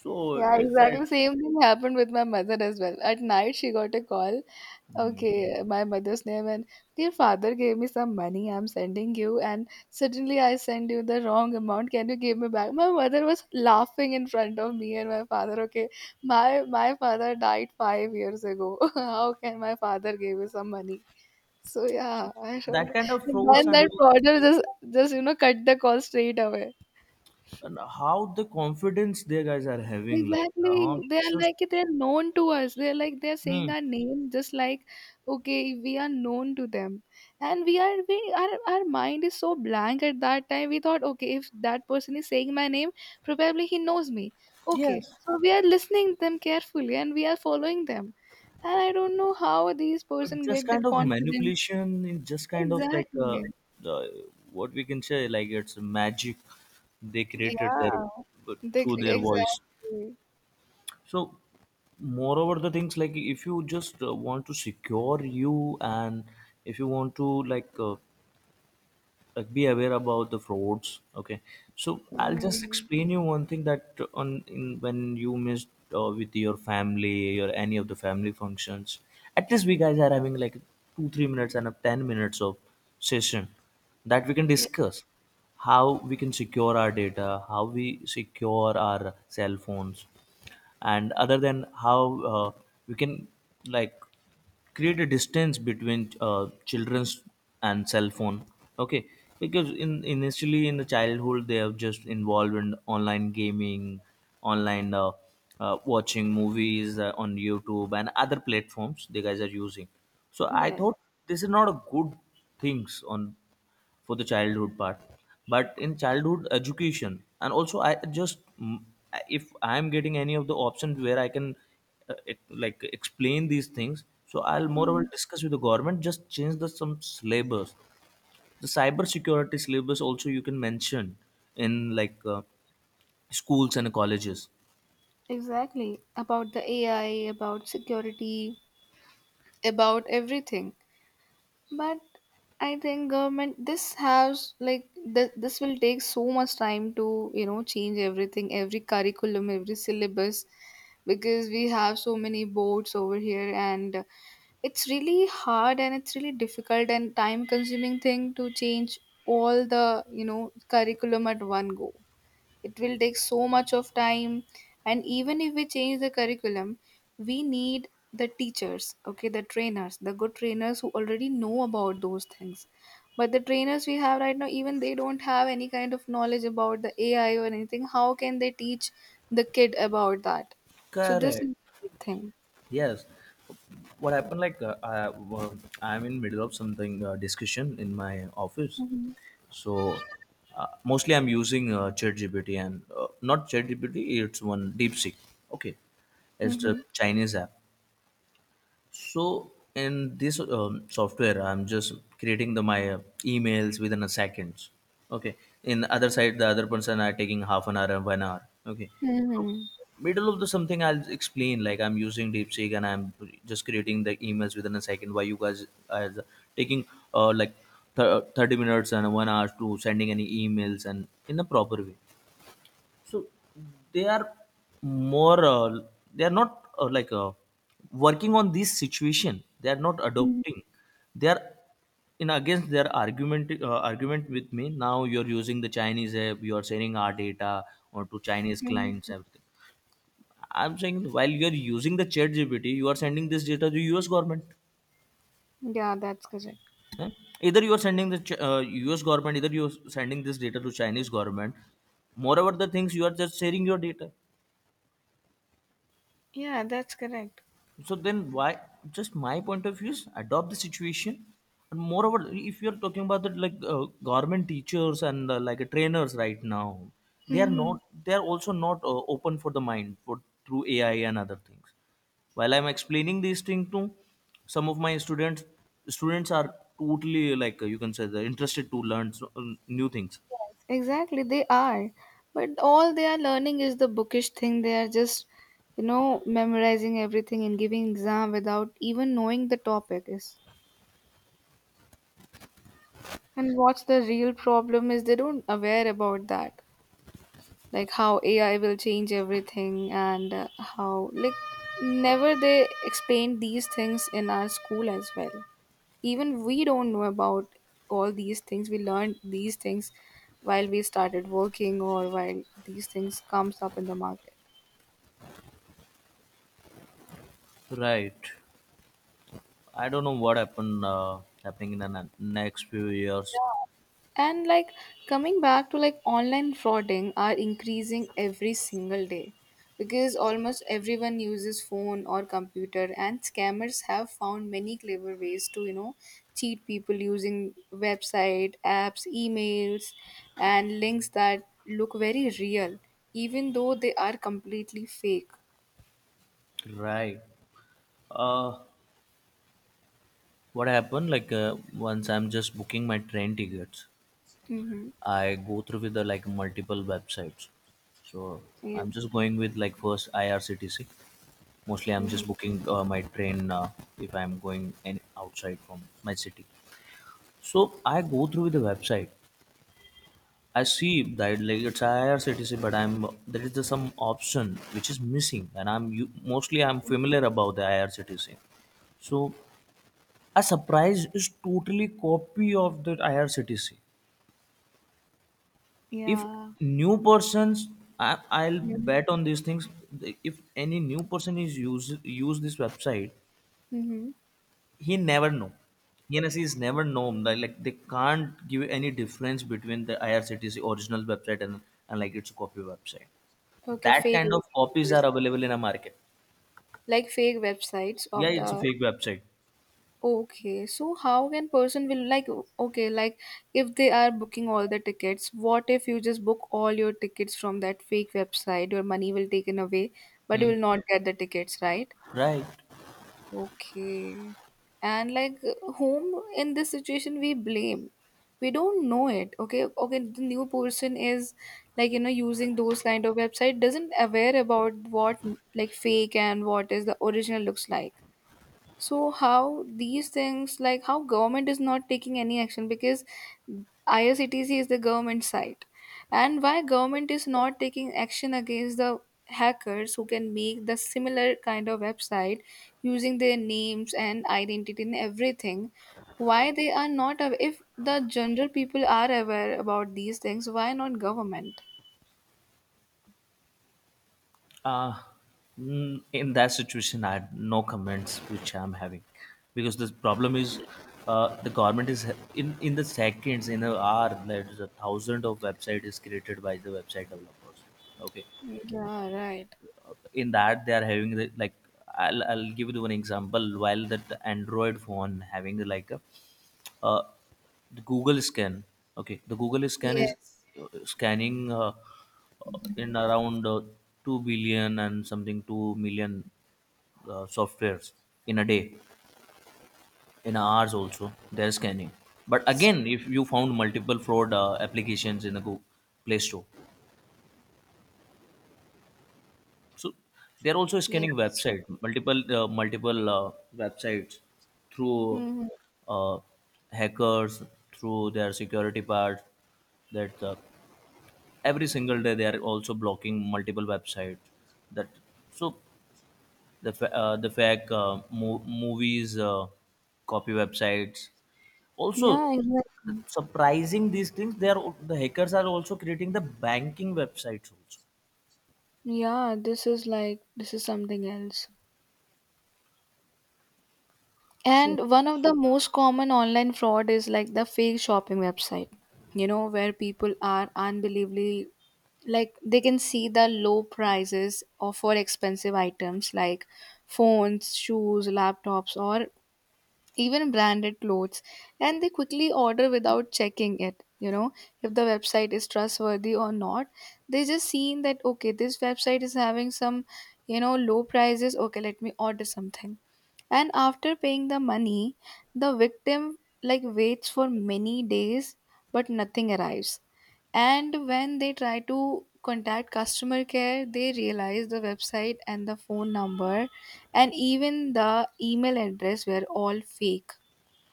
[SPEAKER 2] So
[SPEAKER 1] Yeah,
[SPEAKER 2] it's
[SPEAKER 1] exactly
[SPEAKER 2] said
[SPEAKER 1] same thing happened with my mother as well. At night she got a call.
[SPEAKER 2] hmm,
[SPEAKER 1] Okay, my mother's name and dear father gave me some money, I'm sending you, and suddenly I send you the wrong amount. Can you give me back? My mother was laughing in front of me and my father, okay. My father died 5 years ago. How can my father give you some money? So yeah, I don't
[SPEAKER 2] that
[SPEAKER 1] know.
[SPEAKER 2] kind of frauds
[SPEAKER 1] And then okay, that fraudster just cut the call straight away.
[SPEAKER 2] and how the confidence they guys are having like
[SPEAKER 1] Exactly. They are
[SPEAKER 2] just
[SPEAKER 1] like they're known to us. They're like they're saying
[SPEAKER 2] hmm,
[SPEAKER 1] our name, just like okay, we are known to them. And we our mind is so blank at that time. We thought, okay, if that person is saying my name, probably he knows me. Okay.
[SPEAKER 2] yes
[SPEAKER 1] So we are listening them carefully, and we are following them. And I don't know how these person
[SPEAKER 2] just
[SPEAKER 1] get
[SPEAKER 2] kind
[SPEAKER 1] that
[SPEAKER 2] of
[SPEAKER 1] confidence.
[SPEAKER 2] manipulation in just kind of like
[SPEAKER 1] Exactly.
[SPEAKER 2] uh, what we can say, like it's magic they created
[SPEAKER 1] Yeah.
[SPEAKER 2] their through their voice.
[SPEAKER 1] Exactly.
[SPEAKER 2] So moreover the things, like if you just want to secure you and if you want to like be aware about the frauds, okay. So I'll just
[SPEAKER 1] Mm,
[SPEAKER 2] explain you one thing that on in when you missed with your family or any of the family functions, at least we guys are having like 2 3 minutes and a 10 minutes of session that we can
[SPEAKER 1] ye-
[SPEAKER 2] discuss how we can secure our data, how we secure our cell phones, and other than how we can like create a distance between children's and cell phone, okay. Because in initially in the childhood they are just involved in online gaming, online watching movies on YouTube and other platforms the guys are using. So I
[SPEAKER 1] yes.
[SPEAKER 2] thought this is not a good things on for the childhood part. But in childhood education and also I just mm, if I'm getting any of the options where I can like explain these things, so I'll more or less discuss with the government, just change the some syllabus, the cyber security syllabus also you can mention in like schools and colleges.
[SPEAKER 1] Exactly. About the AI, about security, about everything. But I think government this has like this will take so much time to, change everything, every curriculum, every syllabus, because we have so many boards over here, and it's really hard and it's really difficult and time consuming thing to change all the, curriculum at one go. It will take so much of time. And even if we change the curriculum, we need the teachers, okay, the trainers, the good trainers who already know about those things. But the trainers we have right now, even they don't have any kind of knowledge about the AI or anything. How can they teach the kid about that? So this is
[SPEAKER 2] Correct,
[SPEAKER 1] the big thing.
[SPEAKER 2] yes. What happened like well, I'm in middle of something discussion in my office.
[SPEAKER 1] Mhm.
[SPEAKER 2] So mostly I'm using ChatGPT and not ChatGPT, it's one DeepSeek. Okay, it's a
[SPEAKER 1] Mhm.
[SPEAKER 2] Chinese app. So in this software, I'm just creating the my emails within a seconds. Okay. In the other side, the other person are taking half an hour and 1 hour. Okay. So
[SPEAKER 1] Mhm.
[SPEAKER 2] middle of the something I'll explain, like I'm using DeepSeek and I'm just creating the emails within a second. Why you guys are taking uh, like 30 minutes and 1 hour to sending any emails and in a proper way. So they are more they are not like working on this situation. They are not adopting. They are in against their argument with me. Now you are using the Chinese app. You are sending our data or to Chinese
[SPEAKER 1] Mhm.
[SPEAKER 2] clients, everything. I'm saying while you are using the Chat GPT, you are sending this data to U.S. government.
[SPEAKER 1] Yeah, that's correct.
[SPEAKER 2] Eh? Either you are sending the U.S. government, either you are sending this data to Chinese government. Moreover, the things you are just sharing your data,
[SPEAKER 1] Yeah, that's correct.
[SPEAKER 2] so then why? Just my point of view is adopt the situation. And moreover if you're talking about that like government teachers and like trainers right now, they are
[SPEAKER 1] Mhm.
[SPEAKER 2] not they are also not open for the mind for through AI and other things. While I'm explaining these things to some of my students, students are totally like you can say they're interested to learn so, new things.
[SPEAKER 1] Exactly, they are. But all they are learning is the bookish thing. They are just, memorizing everything and giving exam without even knowing the topic is. And what's the real problem is they don't aware about that. Like how AI will change everything, and how like never they explained these things in our school as well. Even we don't know about all these things. We learned these things while we started working or while these things comes up in the market.
[SPEAKER 2] Right, I don't know what happened happening in the next few years.
[SPEAKER 1] Yeah. And like coming back to like online frauding are increasing every single day, because almost everyone uses phone or computer, and scammers have found many clever ways to cheat people using website, apps, emails, and links that look very real, even though they are completely fake.
[SPEAKER 2] Right. uh what happened like once I'm just booking my train tickets,
[SPEAKER 1] Mm-hmm.
[SPEAKER 2] I go through with the like multiple websites. So
[SPEAKER 1] Yes.
[SPEAKER 2] I'm just going with like first IRCTC, mostly I'm
[SPEAKER 1] Mm-hmm.
[SPEAKER 2] just booking my train if I'm going any outside from my city. So I go through with the website, I see that like it's IRCTC, but I'm there is the some option which is missing and mostly I'm familiar about the IRCTC. So a surprise is totally copy of the IRCTC. If
[SPEAKER 1] Yeah.
[SPEAKER 2] new persons, I'll
[SPEAKER 1] Mm-hmm.
[SPEAKER 2] bet on these things. If any new person is use this website,
[SPEAKER 1] Mm-hmm.
[SPEAKER 2] he never know, is never know like they can't give any difference between the IRCTC original website and like its copy website.
[SPEAKER 1] Okay,
[SPEAKER 2] That
[SPEAKER 1] fake.
[SPEAKER 2] kind of copies are available in a market.
[SPEAKER 1] Like fake websites
[SPEAKER 2] Yeah,
[SPEAKER 1] of
[SPEAKER 2] it's a
[SPEAKER 1] the
[SPEAKER 2] fake website.
[SPEAKER 1] okay. So how can person will like okay, like if they are booking all the tickets, what if you just book all your tickets from that fake website? Your money will taken away, but you
[SPEAKER 2] Hmm.
[SPEAKER 1] will not get the tickets, right?
[SPEAKER 2] Right.
[SPEAKER 1] Okay. And like whom in this situation we blame? We don't know it. Okay, okay, the new person is like using those kind of website, doesn't aware about what like fake and what is the original looks like. So how these things, like how government is not taking any action? Because IRCTC is the government site, and why government is not taking action against the hackers who can make the similar kind of website using their names and identity and everything? Why they are not if the general people are aware about these things, why not government?
[SPEAKER 2] Uh, in that situation, I had no comments which I'm having. Because the problem is the government is in the seconds in a hour there's a thousand of website is created by the website developers. Okay,
[SPEAKER 1] Yeah, right.
[SPEAKER 2] in that they are having the, like I'll give you one example. While that Android phone having like a uh, the Google scan, okay, the Google scan is
[SPEAKER 1] Yes.
[SPEAKER 2] scanning in around 2 billion and something 2 million softwares in a day, in hours also they're scanning. But
[SPEAKER 1] Yes.
[SPEAKER 2] again, if you found multiple fraud applications in the Google Play Store, so they're also scanning
[SPEAKER 1] Yes.
[SPEAKER 2] website, multiple websites through
[SPEAKER 1] Hmm.
[SPEAKER 2] uh, hackers, through their security part, that every single day they are also blocking multiple websites. That so the the fake movies copy websites also.
[SPEAKER 1] Yeah.
[SPEAKER 2] Surprising these things, they are the hackers are also creating the banking websites also.
[SPEAKER 1] Yeah, this is like this is something else.
[SPEAKER 2] So
[SPEAKER 1] And one of the most common online fraud is like the fake shopping website. You know, where people are unbelievably like they can see the low prices of for expensive items like phones, shoes, laptops, or even branded clothes, and they quickly order without checking it, if the website is trustworthy or not. They just seen that okay, this website is having some, low prices, okay, let me order something. And after paying the money, the victim like waits for many days, but nothing arrives. And when they try to contact customer care, they realize the website and the phone number and even the email address were all fake.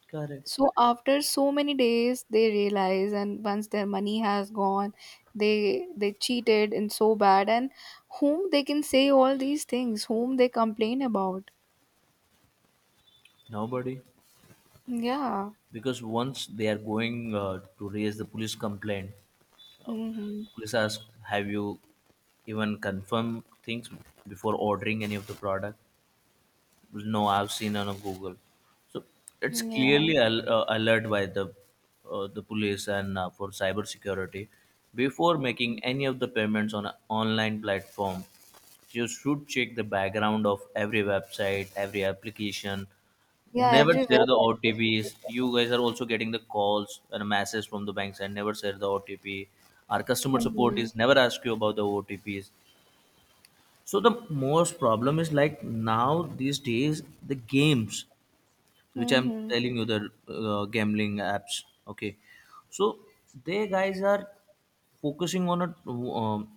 [SPEAKER 2] correct,
[SPEAKER 1] So after so many days, they realize, and once their money has gone, they cheated and so bad, and whom they can say all these things, whom they complain about.
[SPEAKER 2] nobody.
[SPEAKER 1] Yeah.
[SPEAKER 2] Because once they are going to raise the police complaint, uh,
[SPEAKER 1] Hmm.
[SPEAKER 2] police ask, have you even confirmed things before ordering any of the product? No, I've seen on a Google. So it's
[SPEAKER 1] Yeah.
[SPEAKER 2] clearly alert by the police and for cyber security, before making any of the payments on an online platform, you should check the background of every website, every application.
[SPEAKER 1] Yeah.
[SPEAKER 2] Never
[SPEAKER 1] Everywhere.
[SPEAKER 2] share the
[SPEAKER 1] I guess it
[SPEAKER 2] OTPs.
[SPEAKER 1] is.
[SPEAKER 2] You guys are also getting the calls and messages from the banks, and never share the OTP. Our customer support
[SPEAKER 1] Mhm.
[SPEAKER 2] is never ask you about the OTPs. So the most problem is like now these days the games which I'm
[SPEAKER 1] Mhm.
[SPEAKER 2] telling you the gambling apps. Okay, so they guys are focusing on a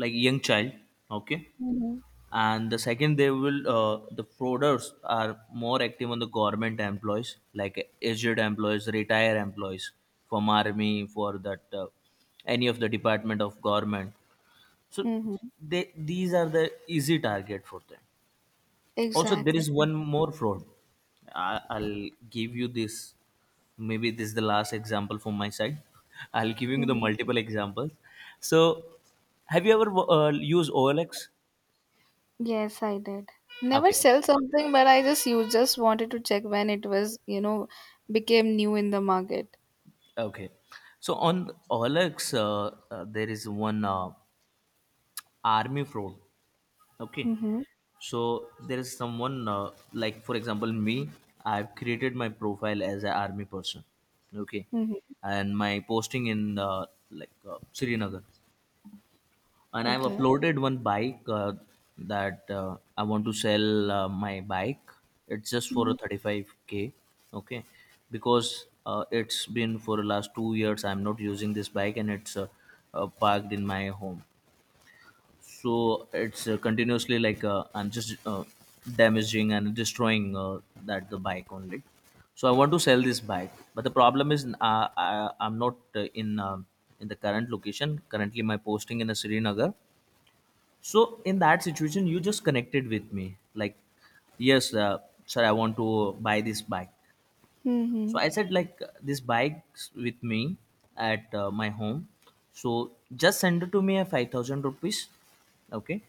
[SPEAKER 2] like young child. Okay,
[SPEAKER 1] Mhm.
[SPEAKER 2] and the second they will the frauders are more active on the government employees, like aged employees, retired employees, from army, for that any of the department of government. So
[SPEAKER 1] Mhm.
[SPEAKER 2] they these are the easy target for them. Also there
[SPEAKER 1] Exactly.
[SPEAKER 2] is one more fraud, I'll give you this, maybe this is the last example from my side. I'll give you the
[SPEAKER 1] Mhm.
[SPEAKER 2] multiple examples. So have you ever used OLX?
[SPEAKER 1] Yes, I did. Never
[SPEAKER 2] Okay.
[SPEAKER 1] sell something, but I just you just wanted to check when it was, became new in the market.
[SPEAKER 2] Okay. So on Olex, there is one army fraud. Okay.
[SPEAKER 1] Mm-hmm.
[SPEAKER 2] So there is someone like, for example, me. I've created my profile as an army person. Okay,
[SPEAKER 1] Mm-hmm.
[SPEAKER 2] and my posting in like Srinagar, and I've
[SPEAKER 1] Okay.
[SPEAKER 2] uploaded one bike that I want to sell my bike. It's just for a
[SPEAKER 1] Mhm.
[SPEAKER 2] 35k, okay? Because it's been for the last 2 years I'm not using this bike and it's parked in my home. So it's continuously I'm just damaging and destroying that the bike only. So I want to sell this bike, but the problem is I'm not in the current location. Currently, my posting in a Srinagar. So in that situation, you just connected with me, like, yes, sir, I want to buy this bike. So
[SPEAKER 1] Mhm.
[SPEAKER 2] I said, like, this bike's with me at my home. So just send it to me at 5,000 rupees, okay,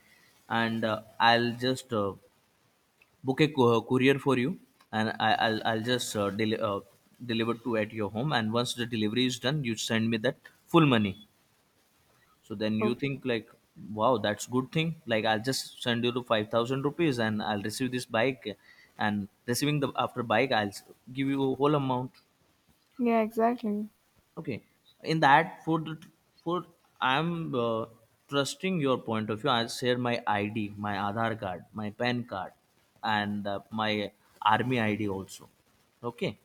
[SPEAKER 2] and I'll just book a courier for you, and I'll just deliver to at your home. And once the delivery is done, you send me that full money. So then you
[SPEAKER 1] Okay.
[SPEAKER 2] think like, wow, that's good thing. Like I'll just send you the 5,000 rupees and I'll receive this bike, and receiving the after bike give you a whole amount.
[SPEAKER 1] Yeah, exactly.
[SPEAKER 2] Okay, in that for the for I'm trusting your point of view. I'll share my ID, my Aadhaar card, my PAN card, and my army ID also. Okay,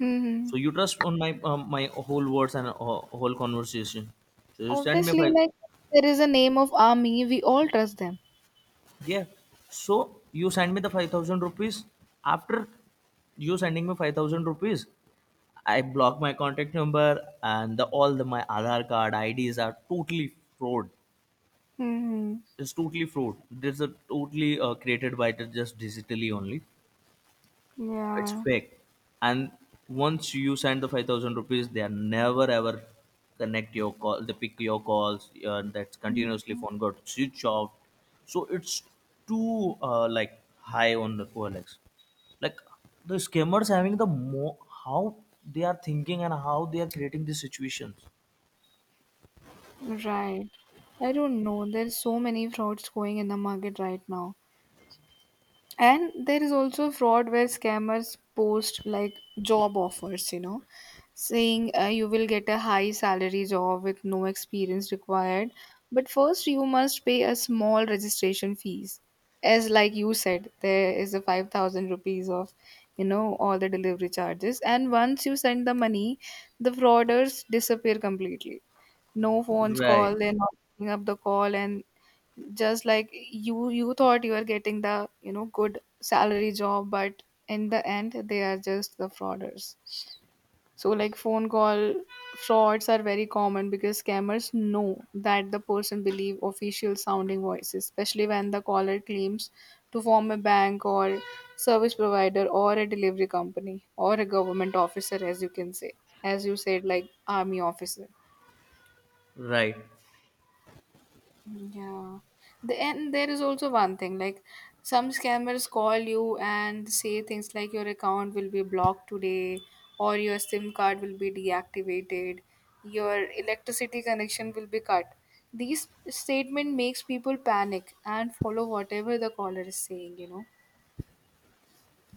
[SPEAKER 1] Mhm.
[SPEAKER 2] so you trust on my my whole words and whole conversation. So you send me
[SPEAKER 1] Obviously,
[SPEAKER 2] five.
[SPEAKER 1] like there is a name of army, we all trust them.
[SPEAKER 2] Yeah. So you send me the 5,000 rupees. After you sending me 5,000 rupees, I block my contact number, and the, all the my Aadhaar card IDs are totally fraud.
[SPEAKER 1] Hmm.
[SPEAKER 2] It's totally fraud. This is totally created by the just digitally only. It's
[SPEAKER 1] Yeah.
[SPEAKER 2] fake. And once you send the 5,000 rupees, they are never ever connect your call. They pick your calls. That's continuously phone got switch off. So it's too high on the OLX. Like the scammers having the more how they are thinking and how they are creating these situations.
[SPEAKER 1] Right. I don't know. There's so many frauds going in the market right now. And there is also fraud where scammers post like job offers, you know, saying you will get a high salary job with no experience required, but first you must pay a small registration fees. As like you said, there is a 5,000 rupees of, you know, all the delivery charges, and once you send the money, the frauders disappear completely. No phones
[SPEAKER 2] Right,
[SPEAKER 1] call, they're not picking up the call, and just like you thought you were getting the, you know, good salary job, but in the end they are just the frauders. So like phone call frauds are very common because scammers know that the person believe official sounding voices, especially when the caller claims to form a bank, or service provider, or a delivery company, or a government officer, as you can say, as you said, like army officer.
[SPEAKER 2] right,
[SPEAKER 1] Yeah. The, and there is also one thing like some scammers call you and say things like your account will be blocked today, or your SIM card will be deactivated, your electricity connection will be cut. These statement makes people panic and follow whatever the caller is saying, you know.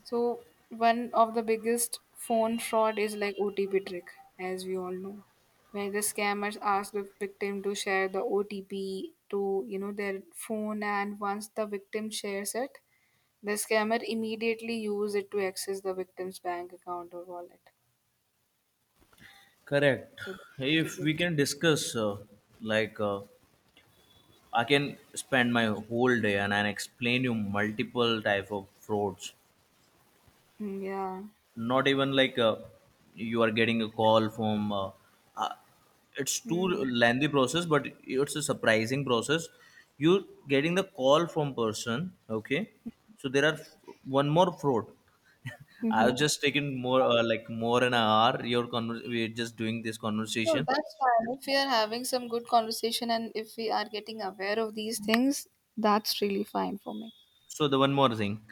[SPEAKER 1] So one of the biggest phone fraud is like OTP trick, as we all know, where the scammers ask the victim to share the OTP to, you know, their phone, and once the victim shares it, the scammer immediately use it to access the victim's bank account or wallet.
[SPEAKER 2] correct.
[SPEAKER 1] So that's a
[SPEAKER 2] If we
[SPEAKER 1] big thing.
[SPEAKER 2] can discuss, like, uh, I can spend my whole day and I explain you multiple type of frauds.
[SPEAKER 1] Mm, yeah.
[SPEAKER 2] Not even like you are getting a call from. Uh, it's too
[SPEAKER 1] Mm.
[SPEAKER 2] lengthy process, but it's a surprising process. You getting the call from person. Okay, so one more fraud. I've
[SPEAKER 1] Mm-hmm.
[SPEAKER 2] just taken more more an hour. We're just doing this
[SPEAKER 1] No,
[SPEAKER 2] conversation.
[SPEAKER 1] that's fine. If we are having some good conversation and if we are getting aware of these things, that's really fine for me.
[SPEAKER 2] So the one more thing,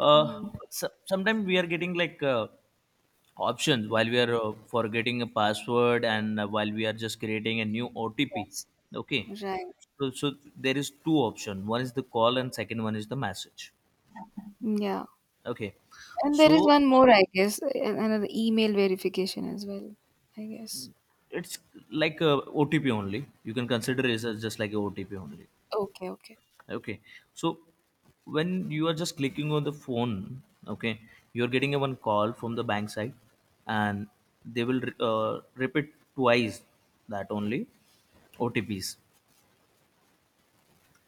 [SPEAKER 2] uh,
[SPEAKER 1] Hmm.
[SPEAKER 2] so sometimes we are getting like. Options while we are forgetting a password and while we are just creating a new OTP.
[SPEAKER 1] Yes.
[SPEAKER 2] Okay.
[SPEAKER 1] Right.
[SPEAKER 2] So, so there is two options. One is the call and second one is the message.
[SPEAKER 1] Yeah.
[SPEAKER 2] Okay.
[SPEAKER 1] And there is
[SPEAKER 2] So
[SPEAKER 1] one more, I guess, another email verification as well, I guess.
[SPEAKER 2] it's like a OTP only. You can consider it as just like a OTP only.
[SPEAKER 1] Okay, okay.
[SPEAKER 2] Okay. So when you are just clicking on the phone, okay, you're getting a one call from the bank side, and they will repeat twice that only OTPs.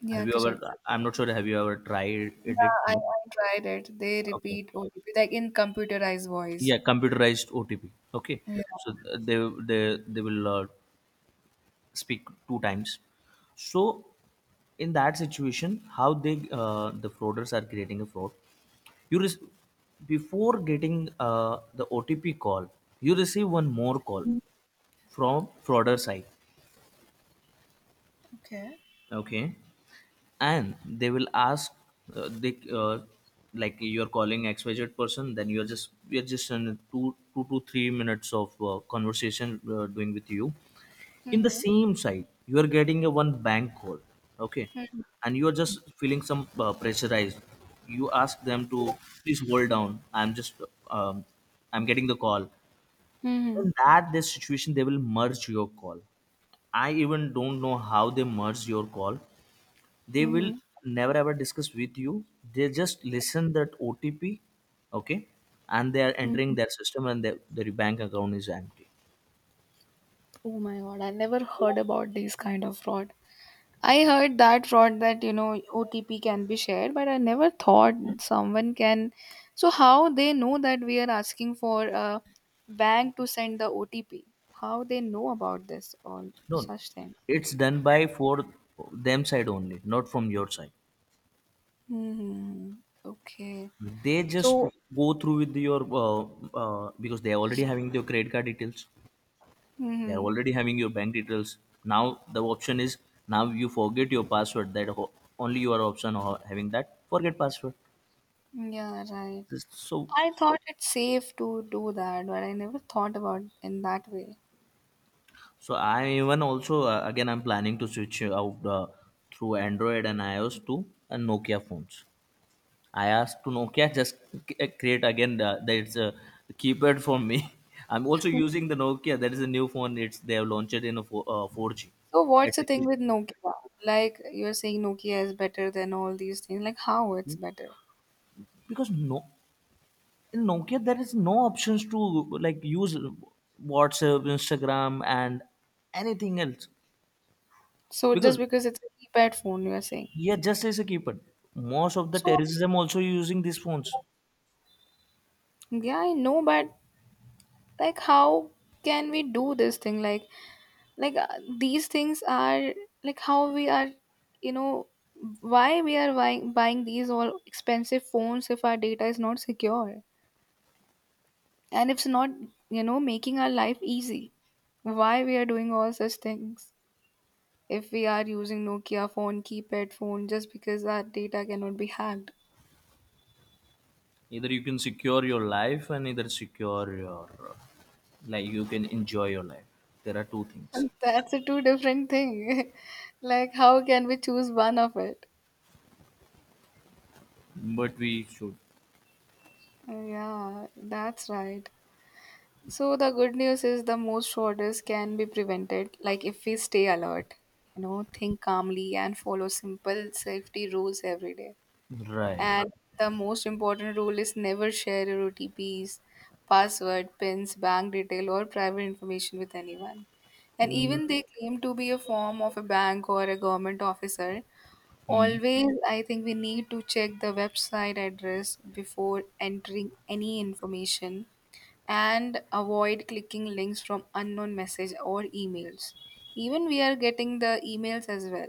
[SPEAKER 1] Yeah,
[SPEAKER 2] Have you ever?
[SPEAKER 1] correct.
[SPEAKER 2] I'm not sure. Have you ever tried
[SPEAKER 1] Yeah,
[SPEAKER 2] it?
[SPEAKER 1] I tried it. They
[SPEAKER 2] Okay.
[SPEAKER 1] repeat OTP like in computerized voice.
[SPEAKER 2] Yeah, computerized OTP. Okay.
[SPEAKER 1] Yeah.
[SPEAKER 2] So they will speak 2 times. So in that situation, how the frauders are creating a fraud. You rec- Before getting the OTP call, you receive one more call from frauder side.
[SPEAKER 1] Okay.
[SPEAKER 2] Okay. And they will ask they like you're calling xyz person. Then you're just in two two to three minutes of conversation doing with you. In the
[SPEAKER 1] Mm-hmm.
[SPEAKER 2] same side, you are getting a one bank call, okay,
[SPEAKER 1] Mm-hmm.
[SPEAKER 2] and you are just feeling some pressurized. You ask them to please hold down. I'm just um, I'm getting the call.
[SPEAKER 1] Mm-hmm.
[SPEAKER 2] In that this situation, they will merge your call. I even don't know how they merge your call. They will
[SPEAKER 1] Mm-hmm.
[SPEAKER 2] never ever discuss with you. They just listen that otp. Okay. And they are
[SPEAKER 1] Mm-hmm.
[SPEAKER 2] entering their system and their bank account is empty.
[SPEAKER 1] Oh my god, I never heard about these kind of fraud. I heard that fraud that, you know, OTP can be shared, but I never thought someone can. So how they know that we are asking for a bank to send the OTP? How they know about this or
[SPEAKER 2] No,
[SPEAKER 1] such thing?
[SPEAKER 2] it's done by for them side only, not from your side.
[SPEAKER 1] Hmm. Okay.
[SPEAKER 2] They just
[SPEAKER 1] So
[SPEAKER 2] go through with your because they are already having your credit card details. They are
[SPEAKER 1] hmm,
[SPEAKER 2] already having your bank details. Now the option is, now you forget your password. Only your option of having that forget password.
[SPEAKER 1] yeah, right.
[SPEAKER 2] So
[SPEAKER 1] I thought it's safe to do that, but I never thought about in that way.
[SPEAKER 2] so I even also, again, I'm planning to switch out through Android and iOS to Nokia phones. I asked to Nokia just create again the, that it's a keypad for me. I'm also using the Nokia. That is a new phone. It's they have launched it in a four, 4G.
[SPEAKER 1] So what's
[SPEAKER 2] It's
[SPEAKER 1] the
[SPEAKER 2] a
[SPEAKER 1] thing
[SPEAKER 2] key
[SPEAKER 1] with Nokia? Like you're saying Nokia is better than all these things. Like how it's better?
[SPEAKER 2] because no, in Nokia there is no options to like use WhatsApp, Instagram, and anything else.
[SPEAKER 1] So just
[SPEAKER 2] Because
[SPEAKER 1] because it's a keypad phone, you are saying.
[SPEAKER 2] yeah, just as a keypad. Most of the
[SPEAKER 1] So
[SPEAKER 2] terrorism also using these phones.
[SPEAKER 1] yeah, I know, but like, how can we do this thing? Like, like uh, these things are like how we are, you know, why we are buying these all expensive phones if our data is not secure and if it's not, you know, making our life easy. Why we are doing all such things if we are using Nokia phone, keypad phone, just because our data cannot be hacked.
[SPEAKER 2] Either you can secure your life, and either secure your like you can enjoy your life. There are two things.
[SPEAKER 1] And that's a two different thing. Like, how can we choose one of it?
[SPEAKER 2] But we should.
[SPEAKER 1] Yeah, that's right. So the good news is the most orders can be prevented, like if we stay alert, you know, think calmly and follow simple safety rules every day. Yeah.
[SPEAKER 2] Right.
[SPEAKER 1] And the most important rule is never share your OTPs, password, pins, bank detail, or private information with anyone, and even they claim to be a form of a bank or a government officer.
[SPEAKER 2] Mhm.
[SPEAKER 1] Always, I think we need to check the website address before entering any information and avoid clicking links from unknown message or emails. Even we are getting the emails as well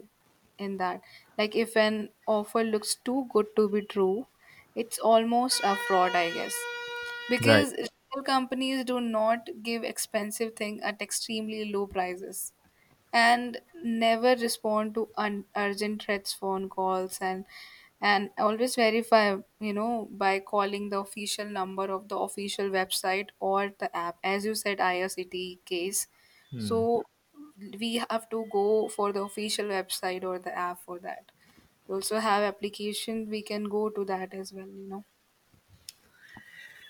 [SPEAKER 1] in that. Like if an offer looks too good to be true, it's almost a fraud, I guess.
[SPEAKER 2] Right.
[SPEAKER 1] Because real companies do not give expensive thing at extremely low prices, and never respond to urgent threats phone calls, and always verify, you know, by calling the official number of the official website or the app, as you said, irct case. So we have to go for the official website or the app for that. We also have application, we can go to that as well, you know.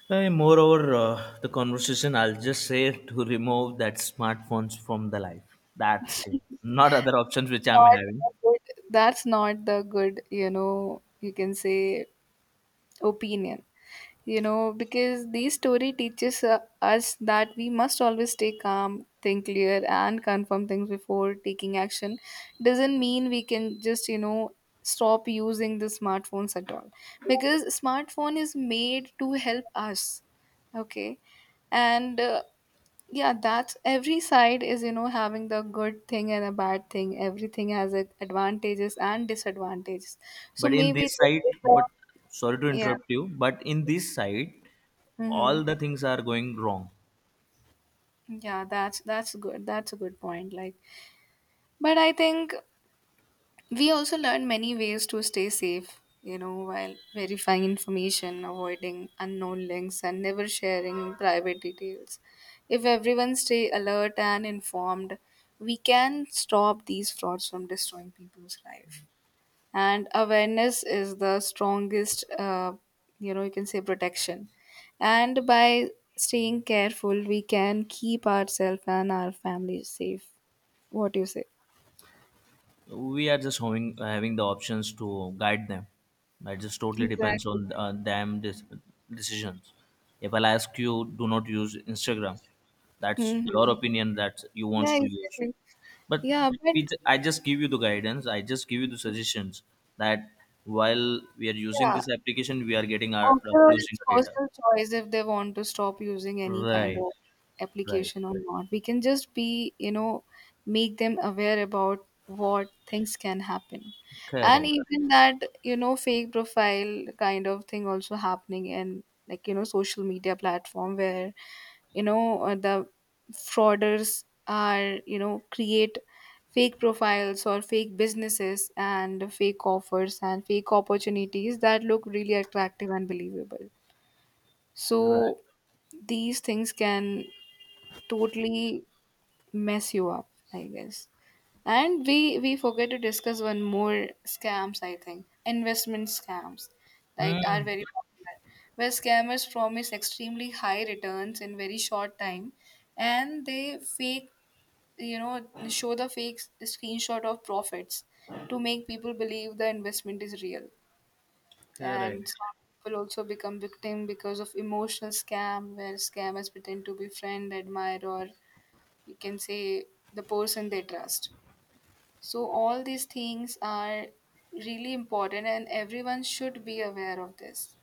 [SPEAKER 2] Moreover, the conversation I'll just say to remove that smartphones from the life. That's it. Not other options which I'm
[SPEAKER 1] Not
[SPEAKER 2] having.
[SPEAKER 1] the good- That's not the good, you know, you can say opinion, you know, because the story teaches us that we must always stay calm, think clear, and confirm things before taking action. Doesn't mean we can just, you know, stop using the smartphones at all, because smartphone is made to help us, okay. And yeah, that's every side is, you know, having the good thing and a bad thing. Everything has its advantages and disadvantages. So
[SPEAKER 2] But in
[SPEAKER 1] maybe
[SPEAKER 2] this
[SPEAKER 1] this
[SPEAKER 2] side,
[SPEAKER 1] is the,
[SPEAKER 2] but sorry to
[SPEAKER 1] yeah,
[SPEAKER 2] interrupt you, but in this side all
[SPEAKER 1] hmm.
[SPEAKER 2] the things are going wrong.
[SPEAKER 1] Yeah, that's good. That's a good point. Like, but I think we also learn many ways to stay safe, you know, while verifying information, avoiding unknown links, and never sharing private details. If everyone stay alert and informed, we can stop these frauds from destroying people's life, and awareness is the strongest you know, you can say, protection, and by staying careful we can keep ourselves and our family safe. What do you say?
[SPEAKER 2] We are just having the options to guide them. It just totally depends
[SPEAKER 1] Exactly.
[SPEAKER 2] on them decisions. If I ask you, do not use Instagram, that's your
[SPEAKER 1] Hmm.
[SPEAKER 2] opinion that you
[SPEAKER 1] Yeah,
[SPEAKER 2] wants to use.
[SPEAKER 1] exactly.
[SPEAKER 2] But
[SPEAKER 1] Yeah, but
[SPEAKER 2] I just give you the guidance, I just give you the suggestions that while we are using
[SPEAKER 1] yeah,
[SPEAKER 2] this application, we are getting our
[SPEAKER 1] after all, it's
[SPEAKER 2] losing our data.
[SPEAKER 1] personal choice if they want to stop using any kind of
[SPEAKER 2] Right. Right.
[SPEAKER 1] application or not. We can just be, you know, make them aware about what things can happen. And
[SPEAKER 2] Correct.
[SPEAKER 1] even that, you know, fake profile kind of thing also happening in like, you know, social media platform where, the frauders are, you know, create fake profiles or fake businesses and fake offers and fake opportunities that look really attractive and believable.
[SPEAKER 2] Right.
[SPEAKER 1] So these things can totally mess you up, I guess. And we forget to discuss one more scams, I think. Investment scams, like, are
[SPEAKER 2] Hmm.
[SPEAKER 1] very popular, where scammers promise extremely high returns in very short time, and they fake, you know, show the fake screenshot of profits to make people believe the investment is real.
[SPEAKER 2] Correct.
[SPEAKER 1] And some people also become victim because of emotional scam, where scammers pretend to be friend, admire, or you can say the person they trust. So, all these things are really important, and everyone should be aware of this.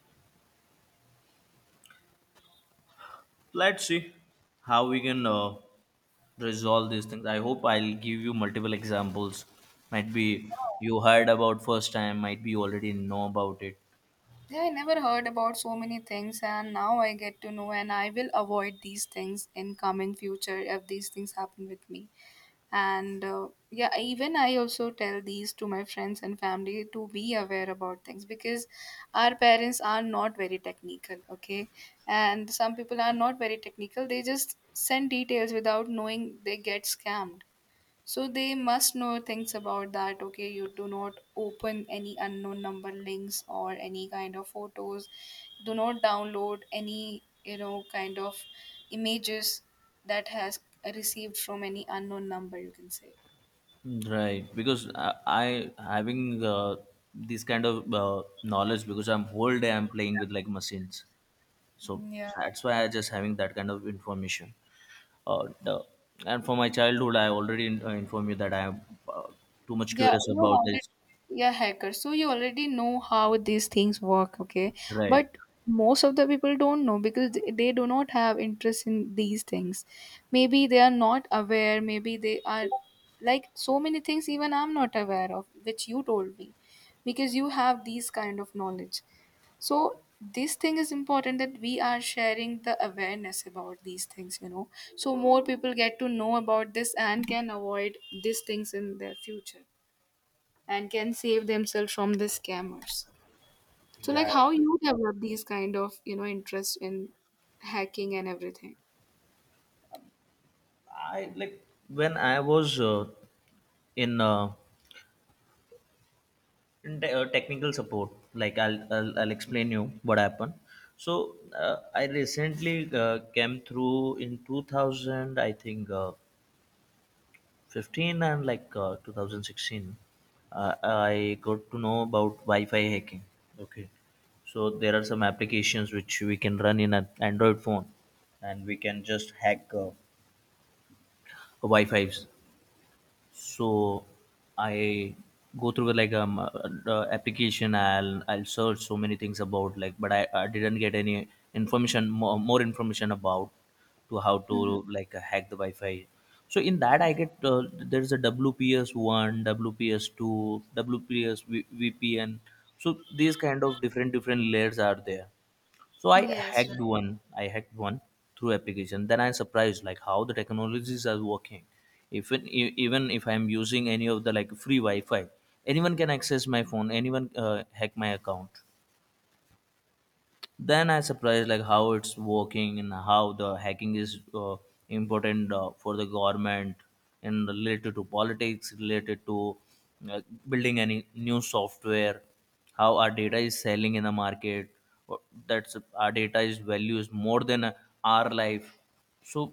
[SPEAKER 2] Let's see how we can resolve these things. I hope I'll give you multiple examples. Might be you heard about first time, might be you already know about it.
[SPEAKER 1] Yeah, I never heard about so many things, and now I get to know, and I will avoid these things in coming future if these things happen with me. And yeah, even I also tell these to my friends and family to be aware about things because our parents are not very technical, okay? And some people are not very technical; they just send details without knowing they get scammed. So they must know things about that. Okay, you do not open any unknown number links or any kind of photos. Do not download any, you know, kind of images that has received from any unknown number. You can say.
[SPEAKER 2] Right, because I having this kind of knowledge, because I'm whole day I'm playing with like machines, so
[SPEAKER 1] Yeah,
[SPEAKER 2] that's why I just having that kind of information. Uh, the, and for my childhood, I already in, informed you that I am uh, too much
[SPEAKER 1] yeah,
[SPEAKER 2] curious
[SPEAKER 1] you
[SPEAKER 2] about
[SPEAKER 1] wanted,
[SPEAKER 2] this.
[SPEAKER 1] yeah, hacker. So you already know how these things work, okay?
[SPEAKER 2] Right,
[SPEAKER 1] But most of the people don't know because they do not have interest in these things. Maybe they are not aware, maybe they are like so many things even I'm not aware of, which you told me, because you have these kind of knowledge. So this thing is important that we are sharing the awareness about these things, you know, so more people get to know about this and can avoid these things in their future and can save themselves from the scammers. So like
[SPEAKER 2] right.
[SPEAKER 1] how you develop these kind of, you know, interest in hacking and everything.
[SPEAKER 2] I like when I was in technical support, like I'll explain you what happened. So I recently came through in 2000, I think, 15 and like 2016, I got to know about wi-fi hacking. Okay. So there are some applications which we can run in an android phone, and we can just hack wi-fi's. So I go through with like the application. I'll search so many things about, like, but I didn't get any information, more information about to how
[SPEAKER 1] Mhm.
[SPEAKER 2] to like hack the wi-fi. So in that I get there's a wps1 wps2 wps two, vpn. So these kind of different layers are there. So I
[SPEAKER 1] Yes,
[SPEAKER 2] hacked
[SPEAKER 1] right.
[SPEAKER 2] one. I hacked one through application. Then I surprised like how the technologies are working. Even even if I'm using any of the like free Wi-Fi, anyone can access my phone. Anyone hack my account. Then I surprised like how it's working and how the hacking is important for the government, and related to politics, related to uh, building any new software, how our data is selling in the market. what- that's our data is value is more than our life. So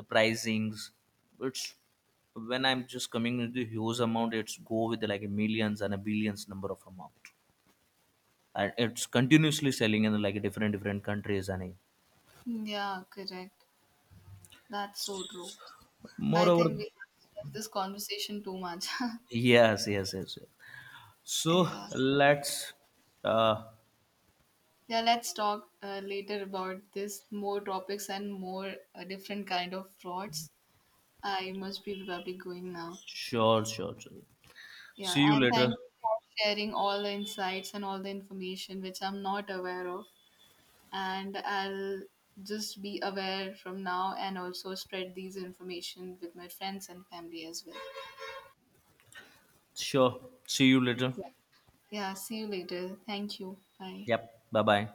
[SPEAKER 2] the pricings, it's when I'm just coming with the huge amount, it's go with like millions and a billions number of amount, and it's continuously selling in like different countries. And
[SPEAKER 1] Yeah, correct. That's so true. I
[SPEAKER 2] moreover,
[SPEAKER 1] think we have this conversation too much.
[SPEAKER 2] yes yes yes, yes. So
[SPEAKER 1] Yeah,
[SPEAKER 2] let's, uh
[SPEAKER 1] yeah. Let's talk later about this more topics and more different kind of frauds. I must be probably going now.
[SPEAKER 2] sure sure sure.
[SPEAKER 1] Yeah,
[SPEAKER 2] See you
[SPEAKER 1] and
[SPEAKER 2] later.
[SPEAKER 1] thank you for sharing all the insights and all the information which I'm not aware of. And I'll just be aware from now and also spread these information with my friends and family as well.
[SPEAKER 2] Sure. See you later.
[SPEAKER 1] Yeah, see you later. Thank you. Bye.
[SPEAKER 2] Yep, bye bye.